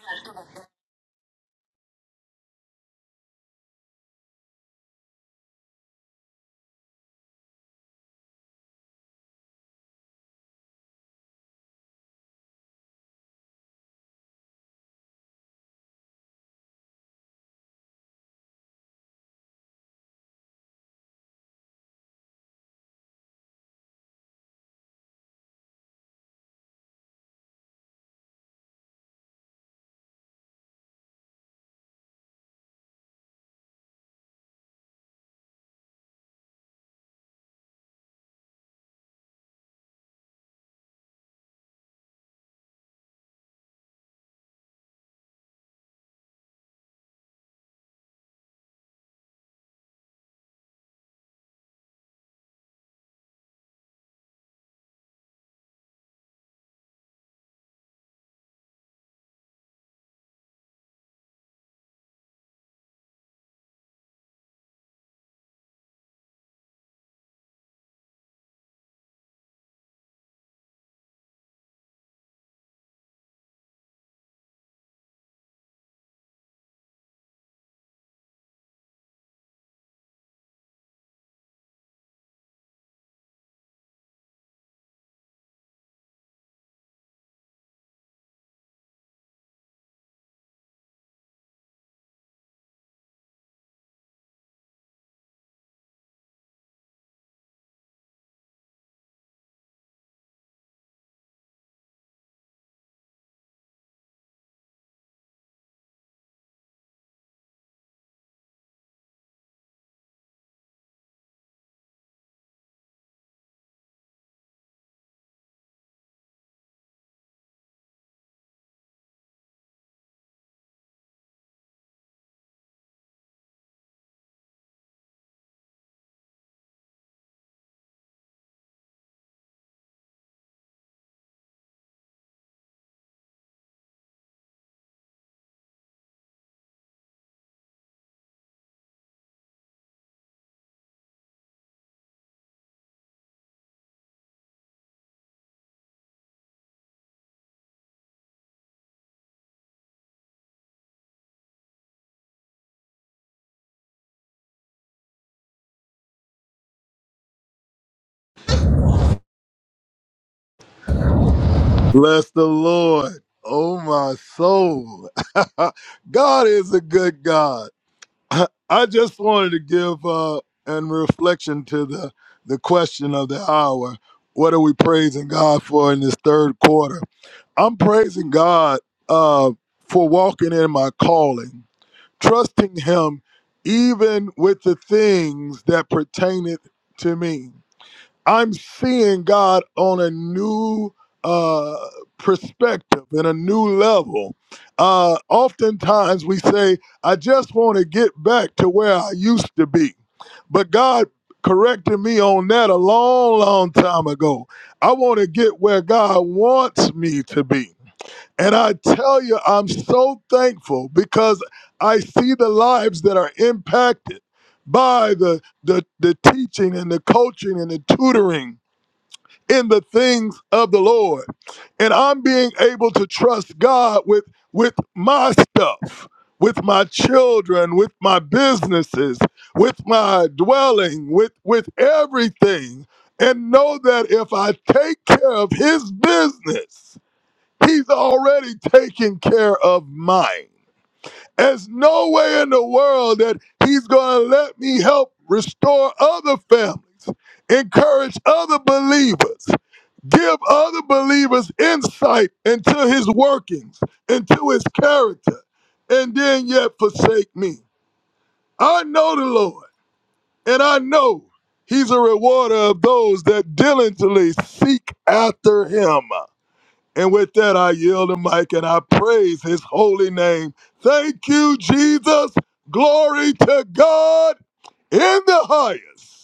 Speaker 2: bless the Lord. Oh, my soul. God is a good God. I just wanted to give uh, an reflection to the, the question of the hour. What are we praising God for in this third quarter? I'm praising God uh, for walking in my calling trusting him even with the things that pertaineth to me. I'm seeing God on a new uh, perspective and a new level. Uh, oftentimes we say, I just want to get back to where I used to be. But God corrected me on that a long, long time ago. I want to get where God wants me to be. And I tell you, I'm so thankful because I see the lives that are impacted by the, the, the teaching and the coaching and the tutoring in the things of the Lord. And I'm being able to trust God with, with my stuff, with my children, with my businesses, with my dwelling, with, with everything. And know that if I take care of his business, He's already taken care of mine. There's no way in the world that he's going to let me help restore other families, encourage other believers, give other believers insight into his workings, into his character, and then yet forsake me. I know the Lord, and I know he's a rewarder of those that diligently seek after him. And with that, I yield the mic and I praise his holy name. Thank you, Jesus. Glory to God in the highest.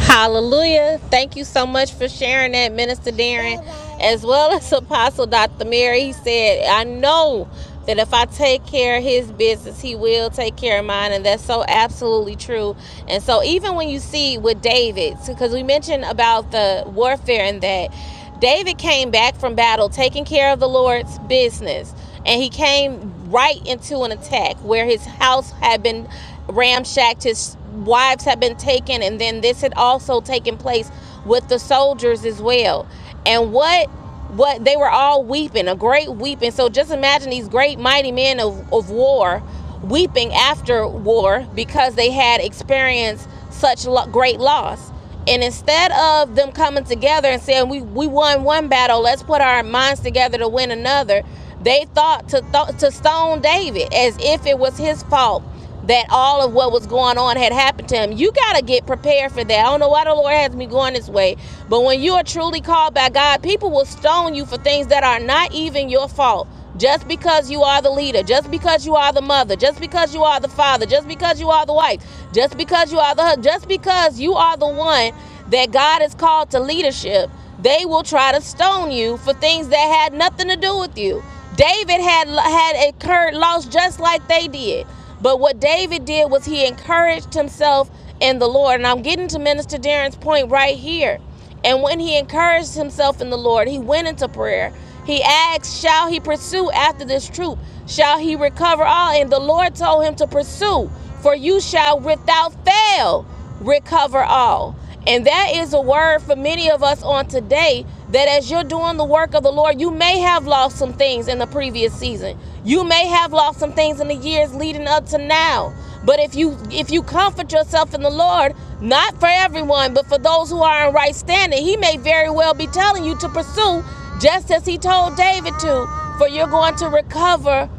Speaker 1: Hallelujah. Thank you so much for sharing that, Minister Darren, as well as Apostle Dr. Mary. He said, I know that if I take care of his business, he will take care of mine. And that's so absolutely true. And so, even when you see with David, because we mentioned about the warfare and that, David came back from battle taking care of the Lord's business, and he came right into an attack where his house had been ramshacked, his wives had been taken, and then this had also taken place with the soldiers as well. And what what they were all weeping, a great weeping. So just imagine these great mighty men of, of war weeping after war because they had experienced such lo- great loss. And instead of them coming together and saying we we won one battle, let's put our minds together to win another, they thought to th- to stone David as if it was his fault that all of what was going on had happened to him. You got to get prepared for that. I don't know why the Lord has me going this way, but when you are truly called by God, people will stone you for things that are not even your fault. Just because you are the leader, just because you are the mother, just because you are the father, just because you are the wife, just because you are the husband, just because you are the one that God has called to leadership, they will try to stone you for things that had nothing to do with you. David had had incurred loss just like they did. But what David did was he encouraged himself in the Lord. And I'm getting to Minister Darren's point right here. And when he encouraged himself in the Lord, he went into prayer. He asked, Shall he pursue after this troop? Shall he recover all? And the Lord told him to pursue, for you shall without fail recover all. And that is a word for many of us on today that as you're doing the work of the Lord, you may have lost some things in the previous season. You may have lost some things in the years leading up to now. But if you if you comfort yourself in the Lord, not for everyone, but for those who are in right standing, he may very well be telling you to pursue just as he told David to, for you're going to recover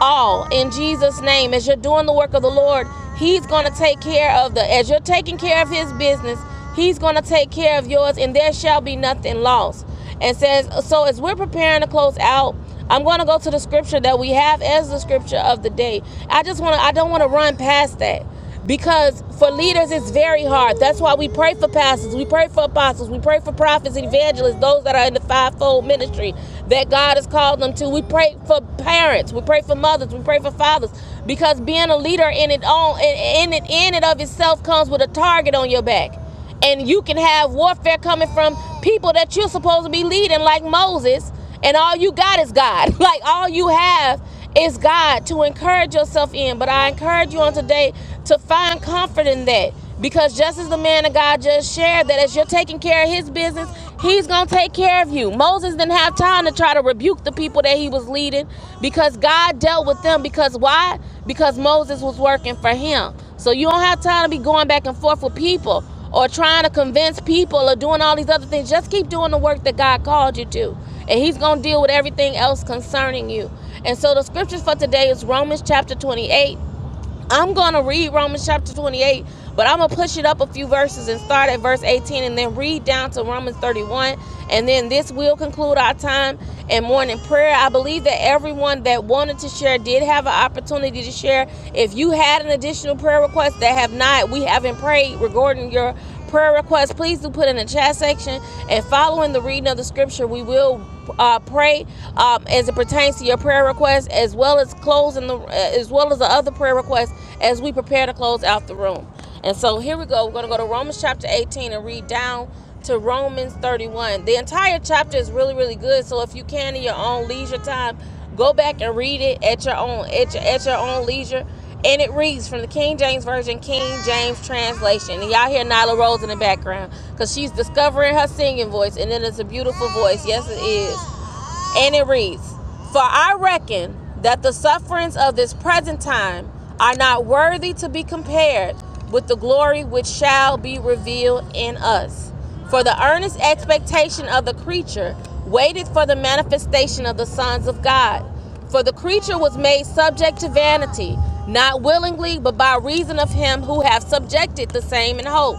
Speaker 1: all in Jesus' name. As you're doing the work of the Lord, He's going to take care of the, as you're taking care of His business, He's going to take care of yours, and there shall be nothing lost and says, So as we're preparing to close out, I'm going to go to the scripture that we have as the scripture of the day. I just want to, I don't want to run past that because for leaders it's very hard. That's why we pray for pastors, we pray for apostles, we pray for prophets, evangelists, those that are in the fivefold ministry that God has called them to. We pray for parents, we pray for mothers, we pray for fathers because being a leader in it all in, in it in it of itself comes with a target on your back and you can have warfare coming from people that you're supposed to be leading like moses and all you got is god like all you have is god to encourage yourself in but i encourage you on today to find comfort in that because just as the man of god just shared that as you're taking care of his business he's gonna take care of you moses didn't have time to try to rebuke the people that he was leading because god dealt with them because why because moses was working for him so you don't have time to be going back and forth with people or trying to convince people or doing all these other things. Just keep doing the work that God called you to. And he's going to deal with everything else concerning you. And so the scriptures for today is Romans chapter 28. I'm going to read Romans chapter 28, but I'm going to push it up a few verses and start at verse 18 and then read down to Romans 31. And then this will conclude our time in morning prayer. I believe that everyone that wanted to share did have an opportunity to share. If you had an additional prayer request that have not, we haven't prayed regarding your prayer requests, please do put in the chat section. And following the reading of the scripture, we will uh, pray um, as it pertains to your prayer request, as well as closing the, uh, as well as the other prayer requests, as we prepare to close out the room. And so here we go. We're going to go to Romans chapter 18 and read down to Romans 31. The entire chapter is really, really good. So if you can in your own leisure time, go back and read it at your own at your, at your own leisure and it reads from the King James Version, King James Translation. And y'all hear Nyla Rose in the background because she's discovering her singing voice, and it is a beautiful voice. Yes, it is. And it reads, For I reckon that the sufferings of this present time are not worthy to be compared with the glory which shall be revealed in us. For the earnest expectation of the creature waited for the manifestation of the sons of God. For the creature was made subject to vanity, not willingly, but by reason of him who hath subjected the same in hope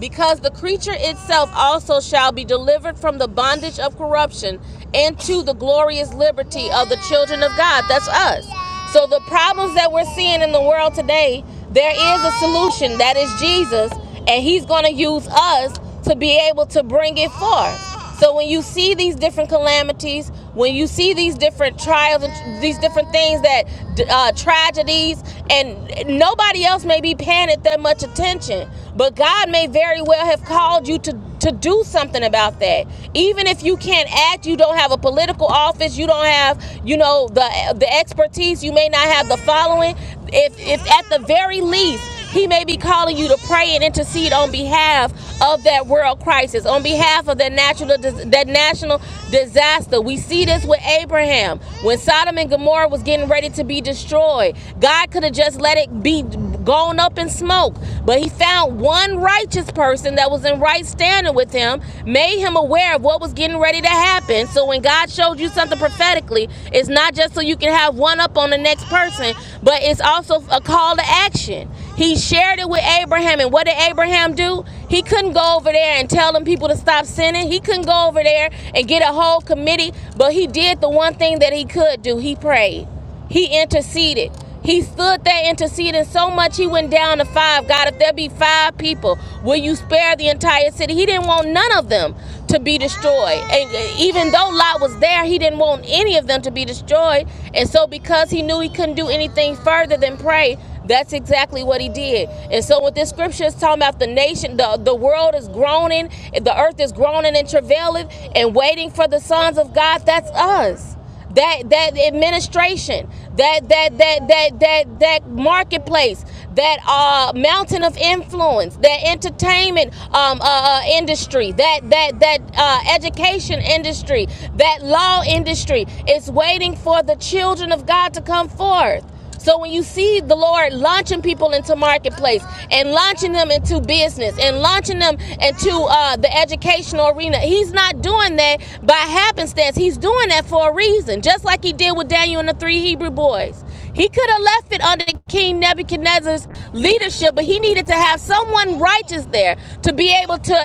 Speaker 1: because the creature itself also shall be delivered from the bondage of corruption into the glorious liberty of the children of God. That's us. So the problems that we're seeing in the world today, there is a solution that is Jesus, and he's going to use us to be able to bring it forth. So when you see these different calamities, when you see these different trials and these different things that uh, tragedies, and nobody else may be paying it that much attention, but God may very well have called you to to do something about that. Even if you can't act, you don't have a political office, you don't have, you know, the the expertise, you may not have the following. If if at the very least he may be calling you to pray and intercede on behalf of that world crisis, on behalf of that natural that national disaster. We see this with Abraham when Sodom and Gomorrah was getting ready to be destroyed. God could have just let it be gone up in smoke, but He found one righteous person that was in right standing with Him, made him aware of what was getting ready to happen. So when God showed you something prophetically, it's not just so you can have one up on the next person, but it's also a call to action. He shared it with Abraham. And what did Abraham do? He couldn't go over there and tell them people to stop sinning. He couldn't go over there and get a whole committee. But he did the one thing that he could do. He prayed. He interceded. He stood there interceding so much he went down to five. God, if there be five people, will you spare the entire city? He didn't want none of them to be destroyed. And even though Lot was there, he didn't want any of them to be destroyed. And so, because he knew he couldn't do anything further than pray, that's exactly what he did. And so, what this scripture is talking about, the nation, the, the world is groaning, the earth is groaning and travailing and waiting for the sons of God. That's us that that administration, that that that that that that marketplace, that uh, mountain of influence, that entertainment um, uh, uh, industry, that that that uh, education industry, that law industry is waiting for the children of God to come forth. So when you see the Lord launching people into marketplace and launching them into business and launching them into uh, the educational arena, He's not doing that by happenstance. He's doing that for a reason, just like He did with Daniel and the three Hebrew boys. He could have left it under King Nebuchadnezzar's leadership, but he needed to have someone righteous there to be able to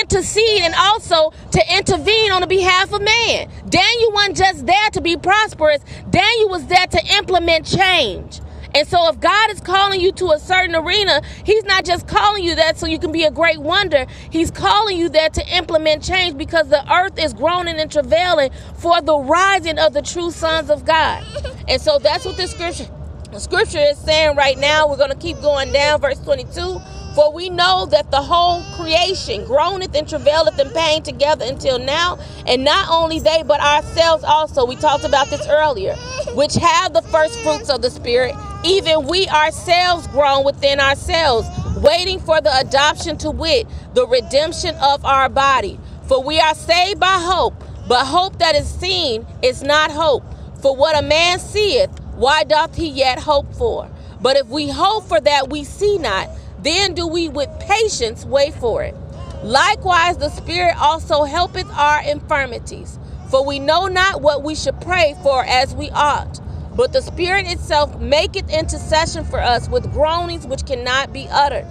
Speaker 1: intercede and also to intervene on the behalf of man. Daniel wasn't just there to be prosperous. Daniel was there had to implement change. And so, if God is calling you to a certain arena, He's not just calling you that so you can be a great wonder. He's calling you there to implement change because the earth is groaning and travailing for the rising of the true sons of God. And so, that's what this scripture. The scripture is saying right now, we're going to keep going down, verse 22. For we know that the whole creation groaneth and travaileth in pain together until now, and not only they, but ourselves also. We talked about this earlier, which have the first fruits of the Spirit, even we ourselves groan within ourselves, waiting for the adoption to wit, the redemption of our body. For we are saved by hope. But hope that is seen is not hope. For what a man seeth, why doth he yet hope for? But if we hope for that we see not, then do we with patience wait for it. Likewise, the Spirit also helpeth our infirmities. For we know not what we should pray for as we ought. But the Spirit itself maketh intercession for us with groanings which cannot be uttered.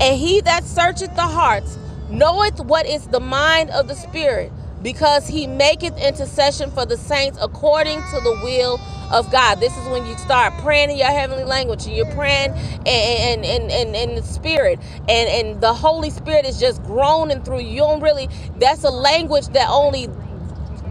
Speaker 1: And he that searcheth the hearts knoweth what is the mind of the Spirit, because he maketh intercession for the saints according to the will of God. This is when you start praying in your heavenly language and you're praying and and and in the spirit and and the Holy Spirit is just groaning through you. You don't really that's a language that only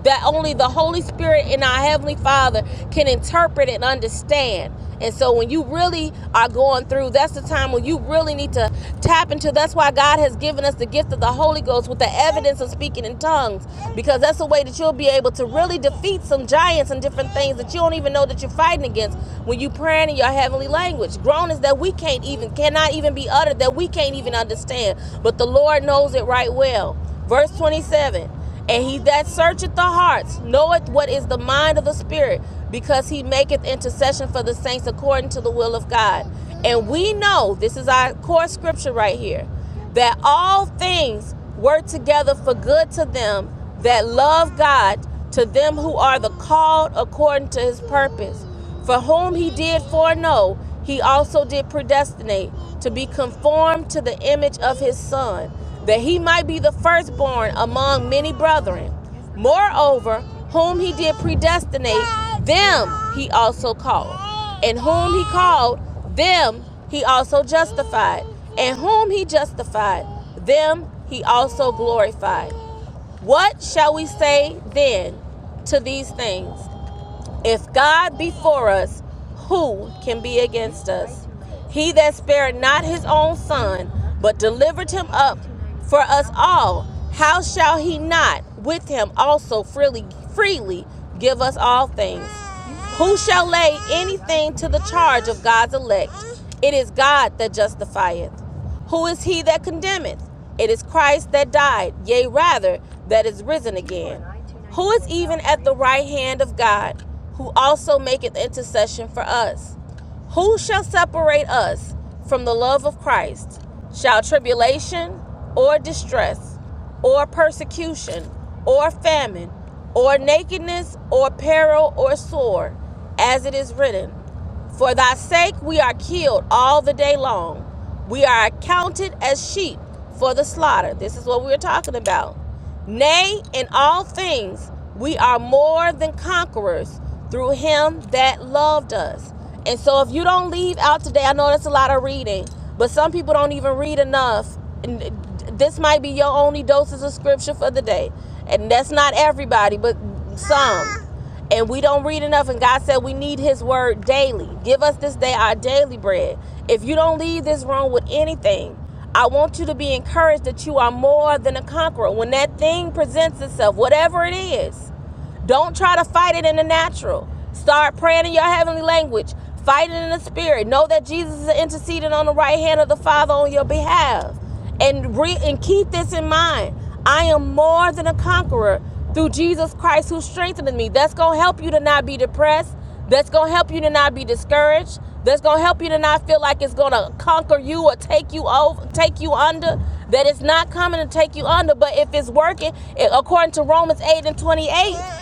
Speaker 1: that only the Holy Spirit and our Heavenly Father can interpret and understand. And so when you really are going through, that's the time when you really need to tap into. That's why God has given us the gift of the Holy Ghost with the evidence of speaking in tongues, because that's the way that you'll be able to really defeat some giants and different things that you don't even know that you're fighting against when you praying in your heavenly language. Groanings that we can't even, cannot even be uttered, that we can't even understand. But the Lord knows it right well. Verse 27 and he that searcheth the hearts knoweth what is the mind of the Spirit, because he maketh intercession for the saints according to the will of God. And we know, this is our core scripture right here, that all things work together for good to them that love God, to them who are the called according to his purpose. For whom he did foreknow, he also did predestinate to be conformed to the image of his son, that he might be the firstborn among many brethren. Moreover, whom he did predestinate, them he also called. And whom he called, them he also justified. And whom he justified, them he also glorified. What shall we say then to these things? If God be for us, who can be against us? He that spared not his own son, but delivered him up for us all, how shall he not with him also freely freely give us all things? Who shall lay anything to the charge of God's elect? It is God that justifieth. Who is he that condemneth? It is Christ that died, yea, rather, that is risen again. Who is even at the right hand of God, who also maketh intercession for us? Who shall separate us from the love of Christ? Shall tribulation or distress or persecution or famine or nakedness or peril or sword, as it is written, For thy sake we are killed all the day long. We are accounted as sheep for the slaughter. This is what we are talking about. Nay, in all things, we are more than conquerors through him that loved us. And so, if you don't leave out today, I know that's a lot of reading, but some people don't even read enough. And this might be your only doses of scripture for the day. And that's not everybody, but some. And we don't read enough. And God said we need his word daily. Give us this day our daily bread. If you don't leave this room with anything, I want you to be encouraged that you are more than a conqueror. When that thing presents itself, whatever it is, don't try to fight it in the natural. Start praying in your heavenly language. Fight it in the spirit. Know that Jesus is interceding on the right hand of the Father on your behalf. And re- and keep this in mind. I am more than a conqueror through Jesus Christ who strengthens me. That's going to help you to not be depressed. That's going to help you to not be discouraged. That's going to help you to not feel like it's going to conquer you or take you over, take you under. That it's not coming to take you under, but if it's working, it, according to Romans 8 and 28,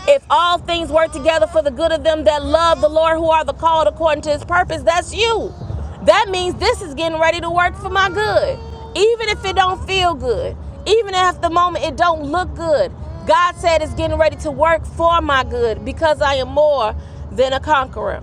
Speaker 1: if all things work together for the good of them that love the Lord who are the called according to his purpose, that's you. That means this is getting ready to work for my good. Even if it don't feel good, even if at the moment it don't look good, God said it's getting ready to work for my good because I am more than a conqueror.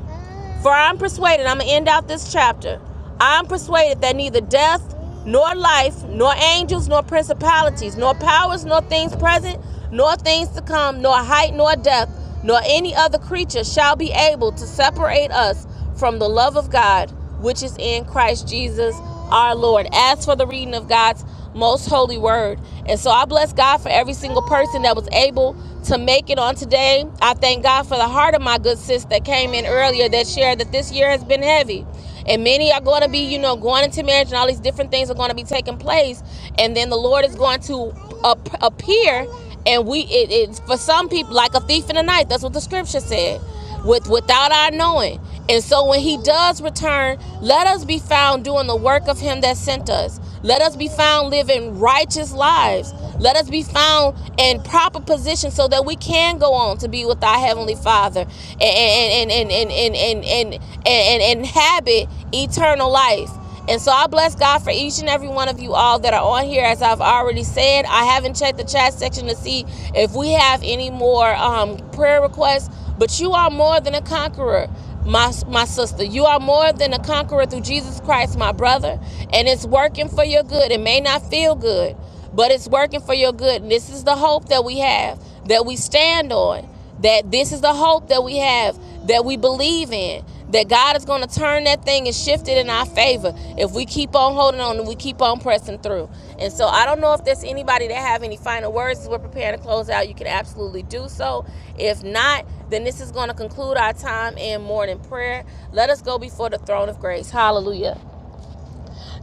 Speaker 1: For I'm persuaded, I'm going to end out this chapter. I'm persuaded that neither death, nor life, nor angels, nor principalities, nor powers, nor things present, nor things to come, nor height, nor depth, nor any other creature shall be able to separate us from the love of God, which is in Christ Jesus our Lord. As for the reading of God's most holy word. And so I bless God for every single person that was able to make it on today. I thank God for the heart of my good sis that came in earlier that shared that this year has been heavy. And many are going to be, you know, going into marriage and all these different things are going to be taking place. And then the Lord is going to ap- appear. And we, it, it's for some people like a thief in the night. That's what the scripture said with without our knowing. And so when he does return, let us be found doing the work of him that sent us. Let us be found living righteous lives. Let us be found in proper position so that we can go on to be with our heavenly Father and and and and and and and, and, and inhabit eternal life. And so I bless God for each and every one of you all that are on here. As I've already said, I haven't checked the chat section to see if we have any more um, prayer requests. But you are more than a conqueror, my, my sister. You are more than a conqueror through Jesus Christ, my brother. And it's working for your good. It may not feel good, but it's working for your good. And this is the hope that we have, that we stand on, that this is the hope that we have, that we believe in that God is going to turn that thing and shift it in our favor if we keep on holding on and we keep on pressing through. And so I don't know if there's anybody that have any final words as we're preparing to close out. You can absolutely do so. If not, then this is going to conclude our time in morning prayer. Let us go before the throne of grace. Hallelujah.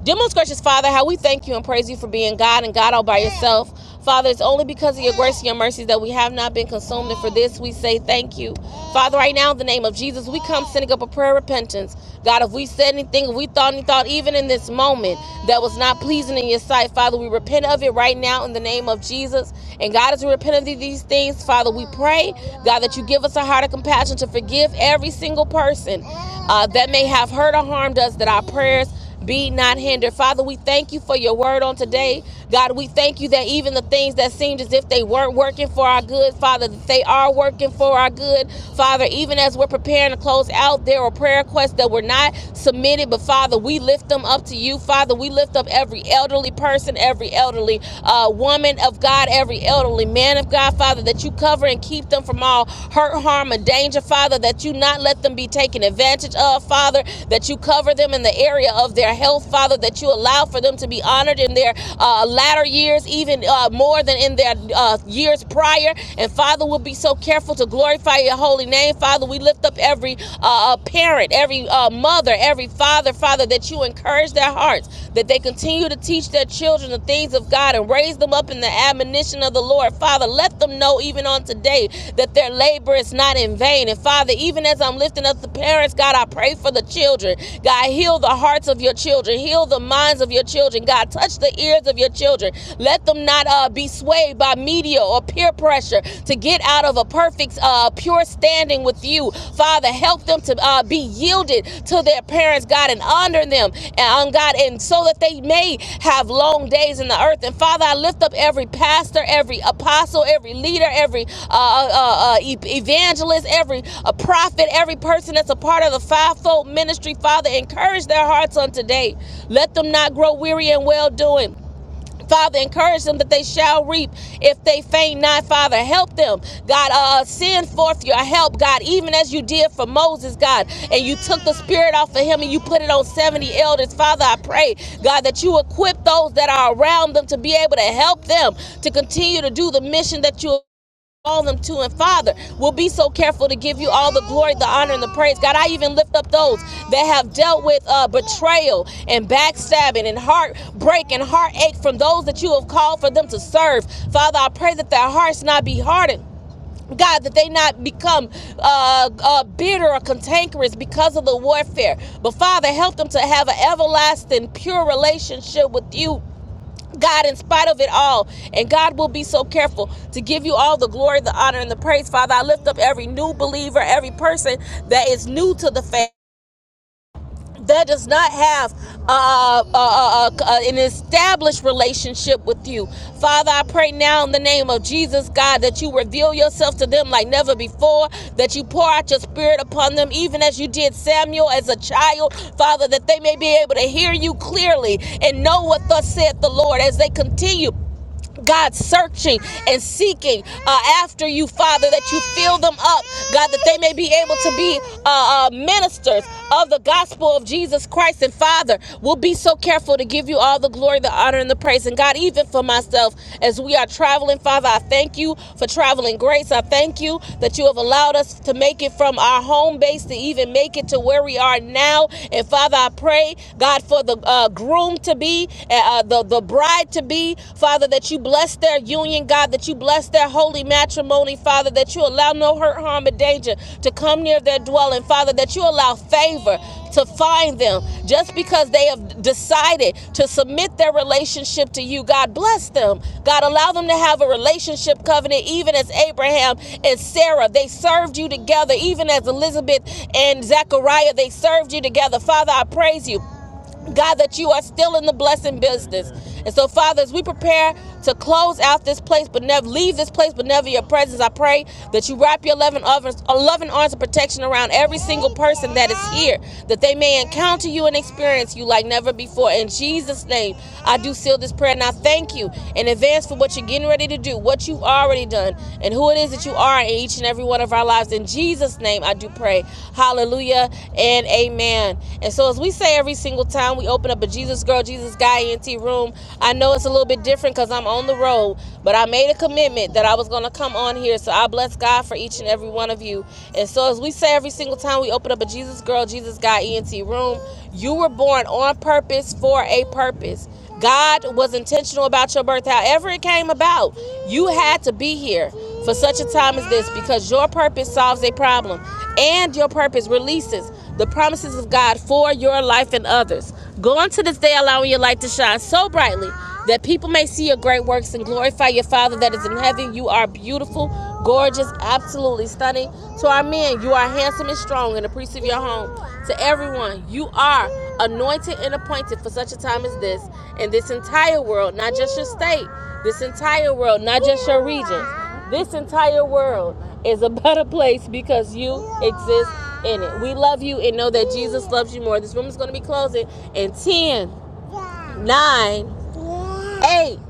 Speaker 1: Dear most gracious Father, how we thank you and praise you for being God and God all by yourself. Father, it's only because of your grace and your mercies that we have not been consumed, and for this we say thank you. Father, right now, in the name of Jesus, we come sending up a prayer of repentance. God, if we said anything, if we thought any thought, even in this moment, that was not pleasing in your sight, Father, we repent of it right now in the name of Jesus. And God, as we repent of these things, Father, we pray, God, that you give us a heart of compassion to forgive every single person uh, that may have hurt or harmed us, that our prayers be not hindered. Father, we thank you for your word on today. God, we thank you that even the things that seemed as if they weren't working for our good, Father, that they are working for our good. Father, even as we're preparing to close out, there are prayer requests that were not submitted, but Father, we lift them up to you. Father, we lift up every elderly person, every elderly uh, woman of God, every elderly man of God, Father, that you cover and keep them them from all hurt, harm, and danger, Father, that you not let them be taken advantage of, Father, that you cover them in the area of their health, Father, that you allow for them to be honored in their uh, latter years, even uh, more than in their uh, years prior. And Father, we'll be so careful to glorify your holy name, Father. We lift up every uh, uh, parent, every uh, mother, every father, Father, that you encourage their hearts, that they they continue to teach their children the things of God and raise them up in the admonition of the Lord. Father, let them know even on today that their labor is not in vain. And Father, even as I'm lifting up the parents, God, I pray for the children. God, heal the hearts of your children, heal the minds of your children. God, touch the ears of your children. Let them not uh, be swayed by media or peer pressure to get out of a perfect, uh, pure state standing with you. Father, help them to uh, be yielded to their parents, God, and honor them, and um, God, and so that they may have long days in the earth. And Father, I lift up every pastor, every apostle, every leader, every uh, uh, uh, uh, e- evangelist, every uh, prophet, every person that's a part of the fivefold ministry. Father, encourage their hearts on today. Let them not grow weary in well doing. Father, encourage them that they shall reap if they faint not. Father, help them. God, uh, uh, send forth your help, God, even as you did for Moses, God. And you took the spirit off of him and you put it on 70 elders. Father, I pray, God, that you equip those that are around them to be able to help them to continue to do the mission that you call them to and father we will be so careful to give you all the glory the honor and the praise god i even lift up those that have dealt with uh, betrayal and backstabbing and heartbreak and heartache from those that you have called for them to serve father i pray that their hearts not be hardened God, that they not become uh, uh, bitter or cantankerous because of the warfare. But Father, help them to have an everlasting, pure relationship with you God, in spite of it all, and God will be so careful to give you all the glory, the honor, and the praise. Father, I lift up every new believer, every person that is new to the faith. That does not have uh, uh, uh, uh, an established relationship with you. Father, I pray now in the name of Jesus, God, that you reveal yourself to them like never before, that you pour out your spirit upon them, even as you did Samuel as a child. Father, that they may be able to hear you clearly and know what thus saith the Lord as they continue God, searching and seeking uh, after you, Father, that you fill them up, God, that they may be able to be uh, uh, ministers of the gospel of Jesus Christ. And Father, we'll be so careful to give you all the glory, the honor, and the praise. And God, even for myself, as we are traveling, Father, I thank you for traveling grace. I thank you that you have allowed us to make it from our home base to even make it to where we are now. And Father, I pray, God, for the uh, groom to be, uh, uh, the, the bride to be, Father, that you bless their union, God, that you bless their holy matrimony, Father, that you allow no hurt, harm, or danger to come near their dwelling, Father, that you allow favor to find them just because they have decided to submit their relationship to you. God, bless them. God, allow them to have a relationship covenant, even as Abraham and Sarah, they served you together, even as Elizabeth and Zechariah, they served you together. Father, I praise you God, that you are still in the blessing business. And so, Father, as we prepare to close out this place, but never leave this place, but never your presence, I pray that you wrap your loving arms, uh, loving arms of protection around every single person that is here, that they may encounter you and experience you like never before. In Jesus' name, I do seal this prayer. And I thank you in advance for what you're getting ready to do, what you've already done, and who it is that you you are in each and every one of our lives. In Jesus' name, I do pray. Hallelujah and amen. And so, as we say every single time we open up a Jesus Girl, Jesus Guy ENT room, I know it's a little bit different because I'm on the road, but I made a commitment that I was going to come on here. So, I bless God for each and every one of you. And so, as we say every single time we open up a Jesus Girl, Jesus Guy ENT room, you were born on purpose for a purpose. God was intentional about your birth. However, it came about, you had to be here for such a time as this because your purpose solves a problem and your purpose releases the promises of God for your life and others. Go into this day allowing your light to shine so brightly that people may see your great works and glorify your Father that is in heaven. You are beautiful, gorgeous, absolutely stunning. To our men, you are handsome and strong in the priest of your home. To everyone, you are anointed and appointed for such a time as this in this entire world, not just your state, this entire world, not just your region. This entire world is a better place because you exist in it. We love you and know that Jesus loves you more. This room is going to be closing in ten, nine, eight,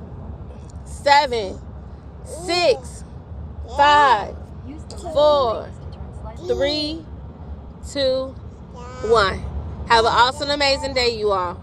Speaker 1: seven, six, five, four, three, two, one. Have an awesome, amazing day, you all.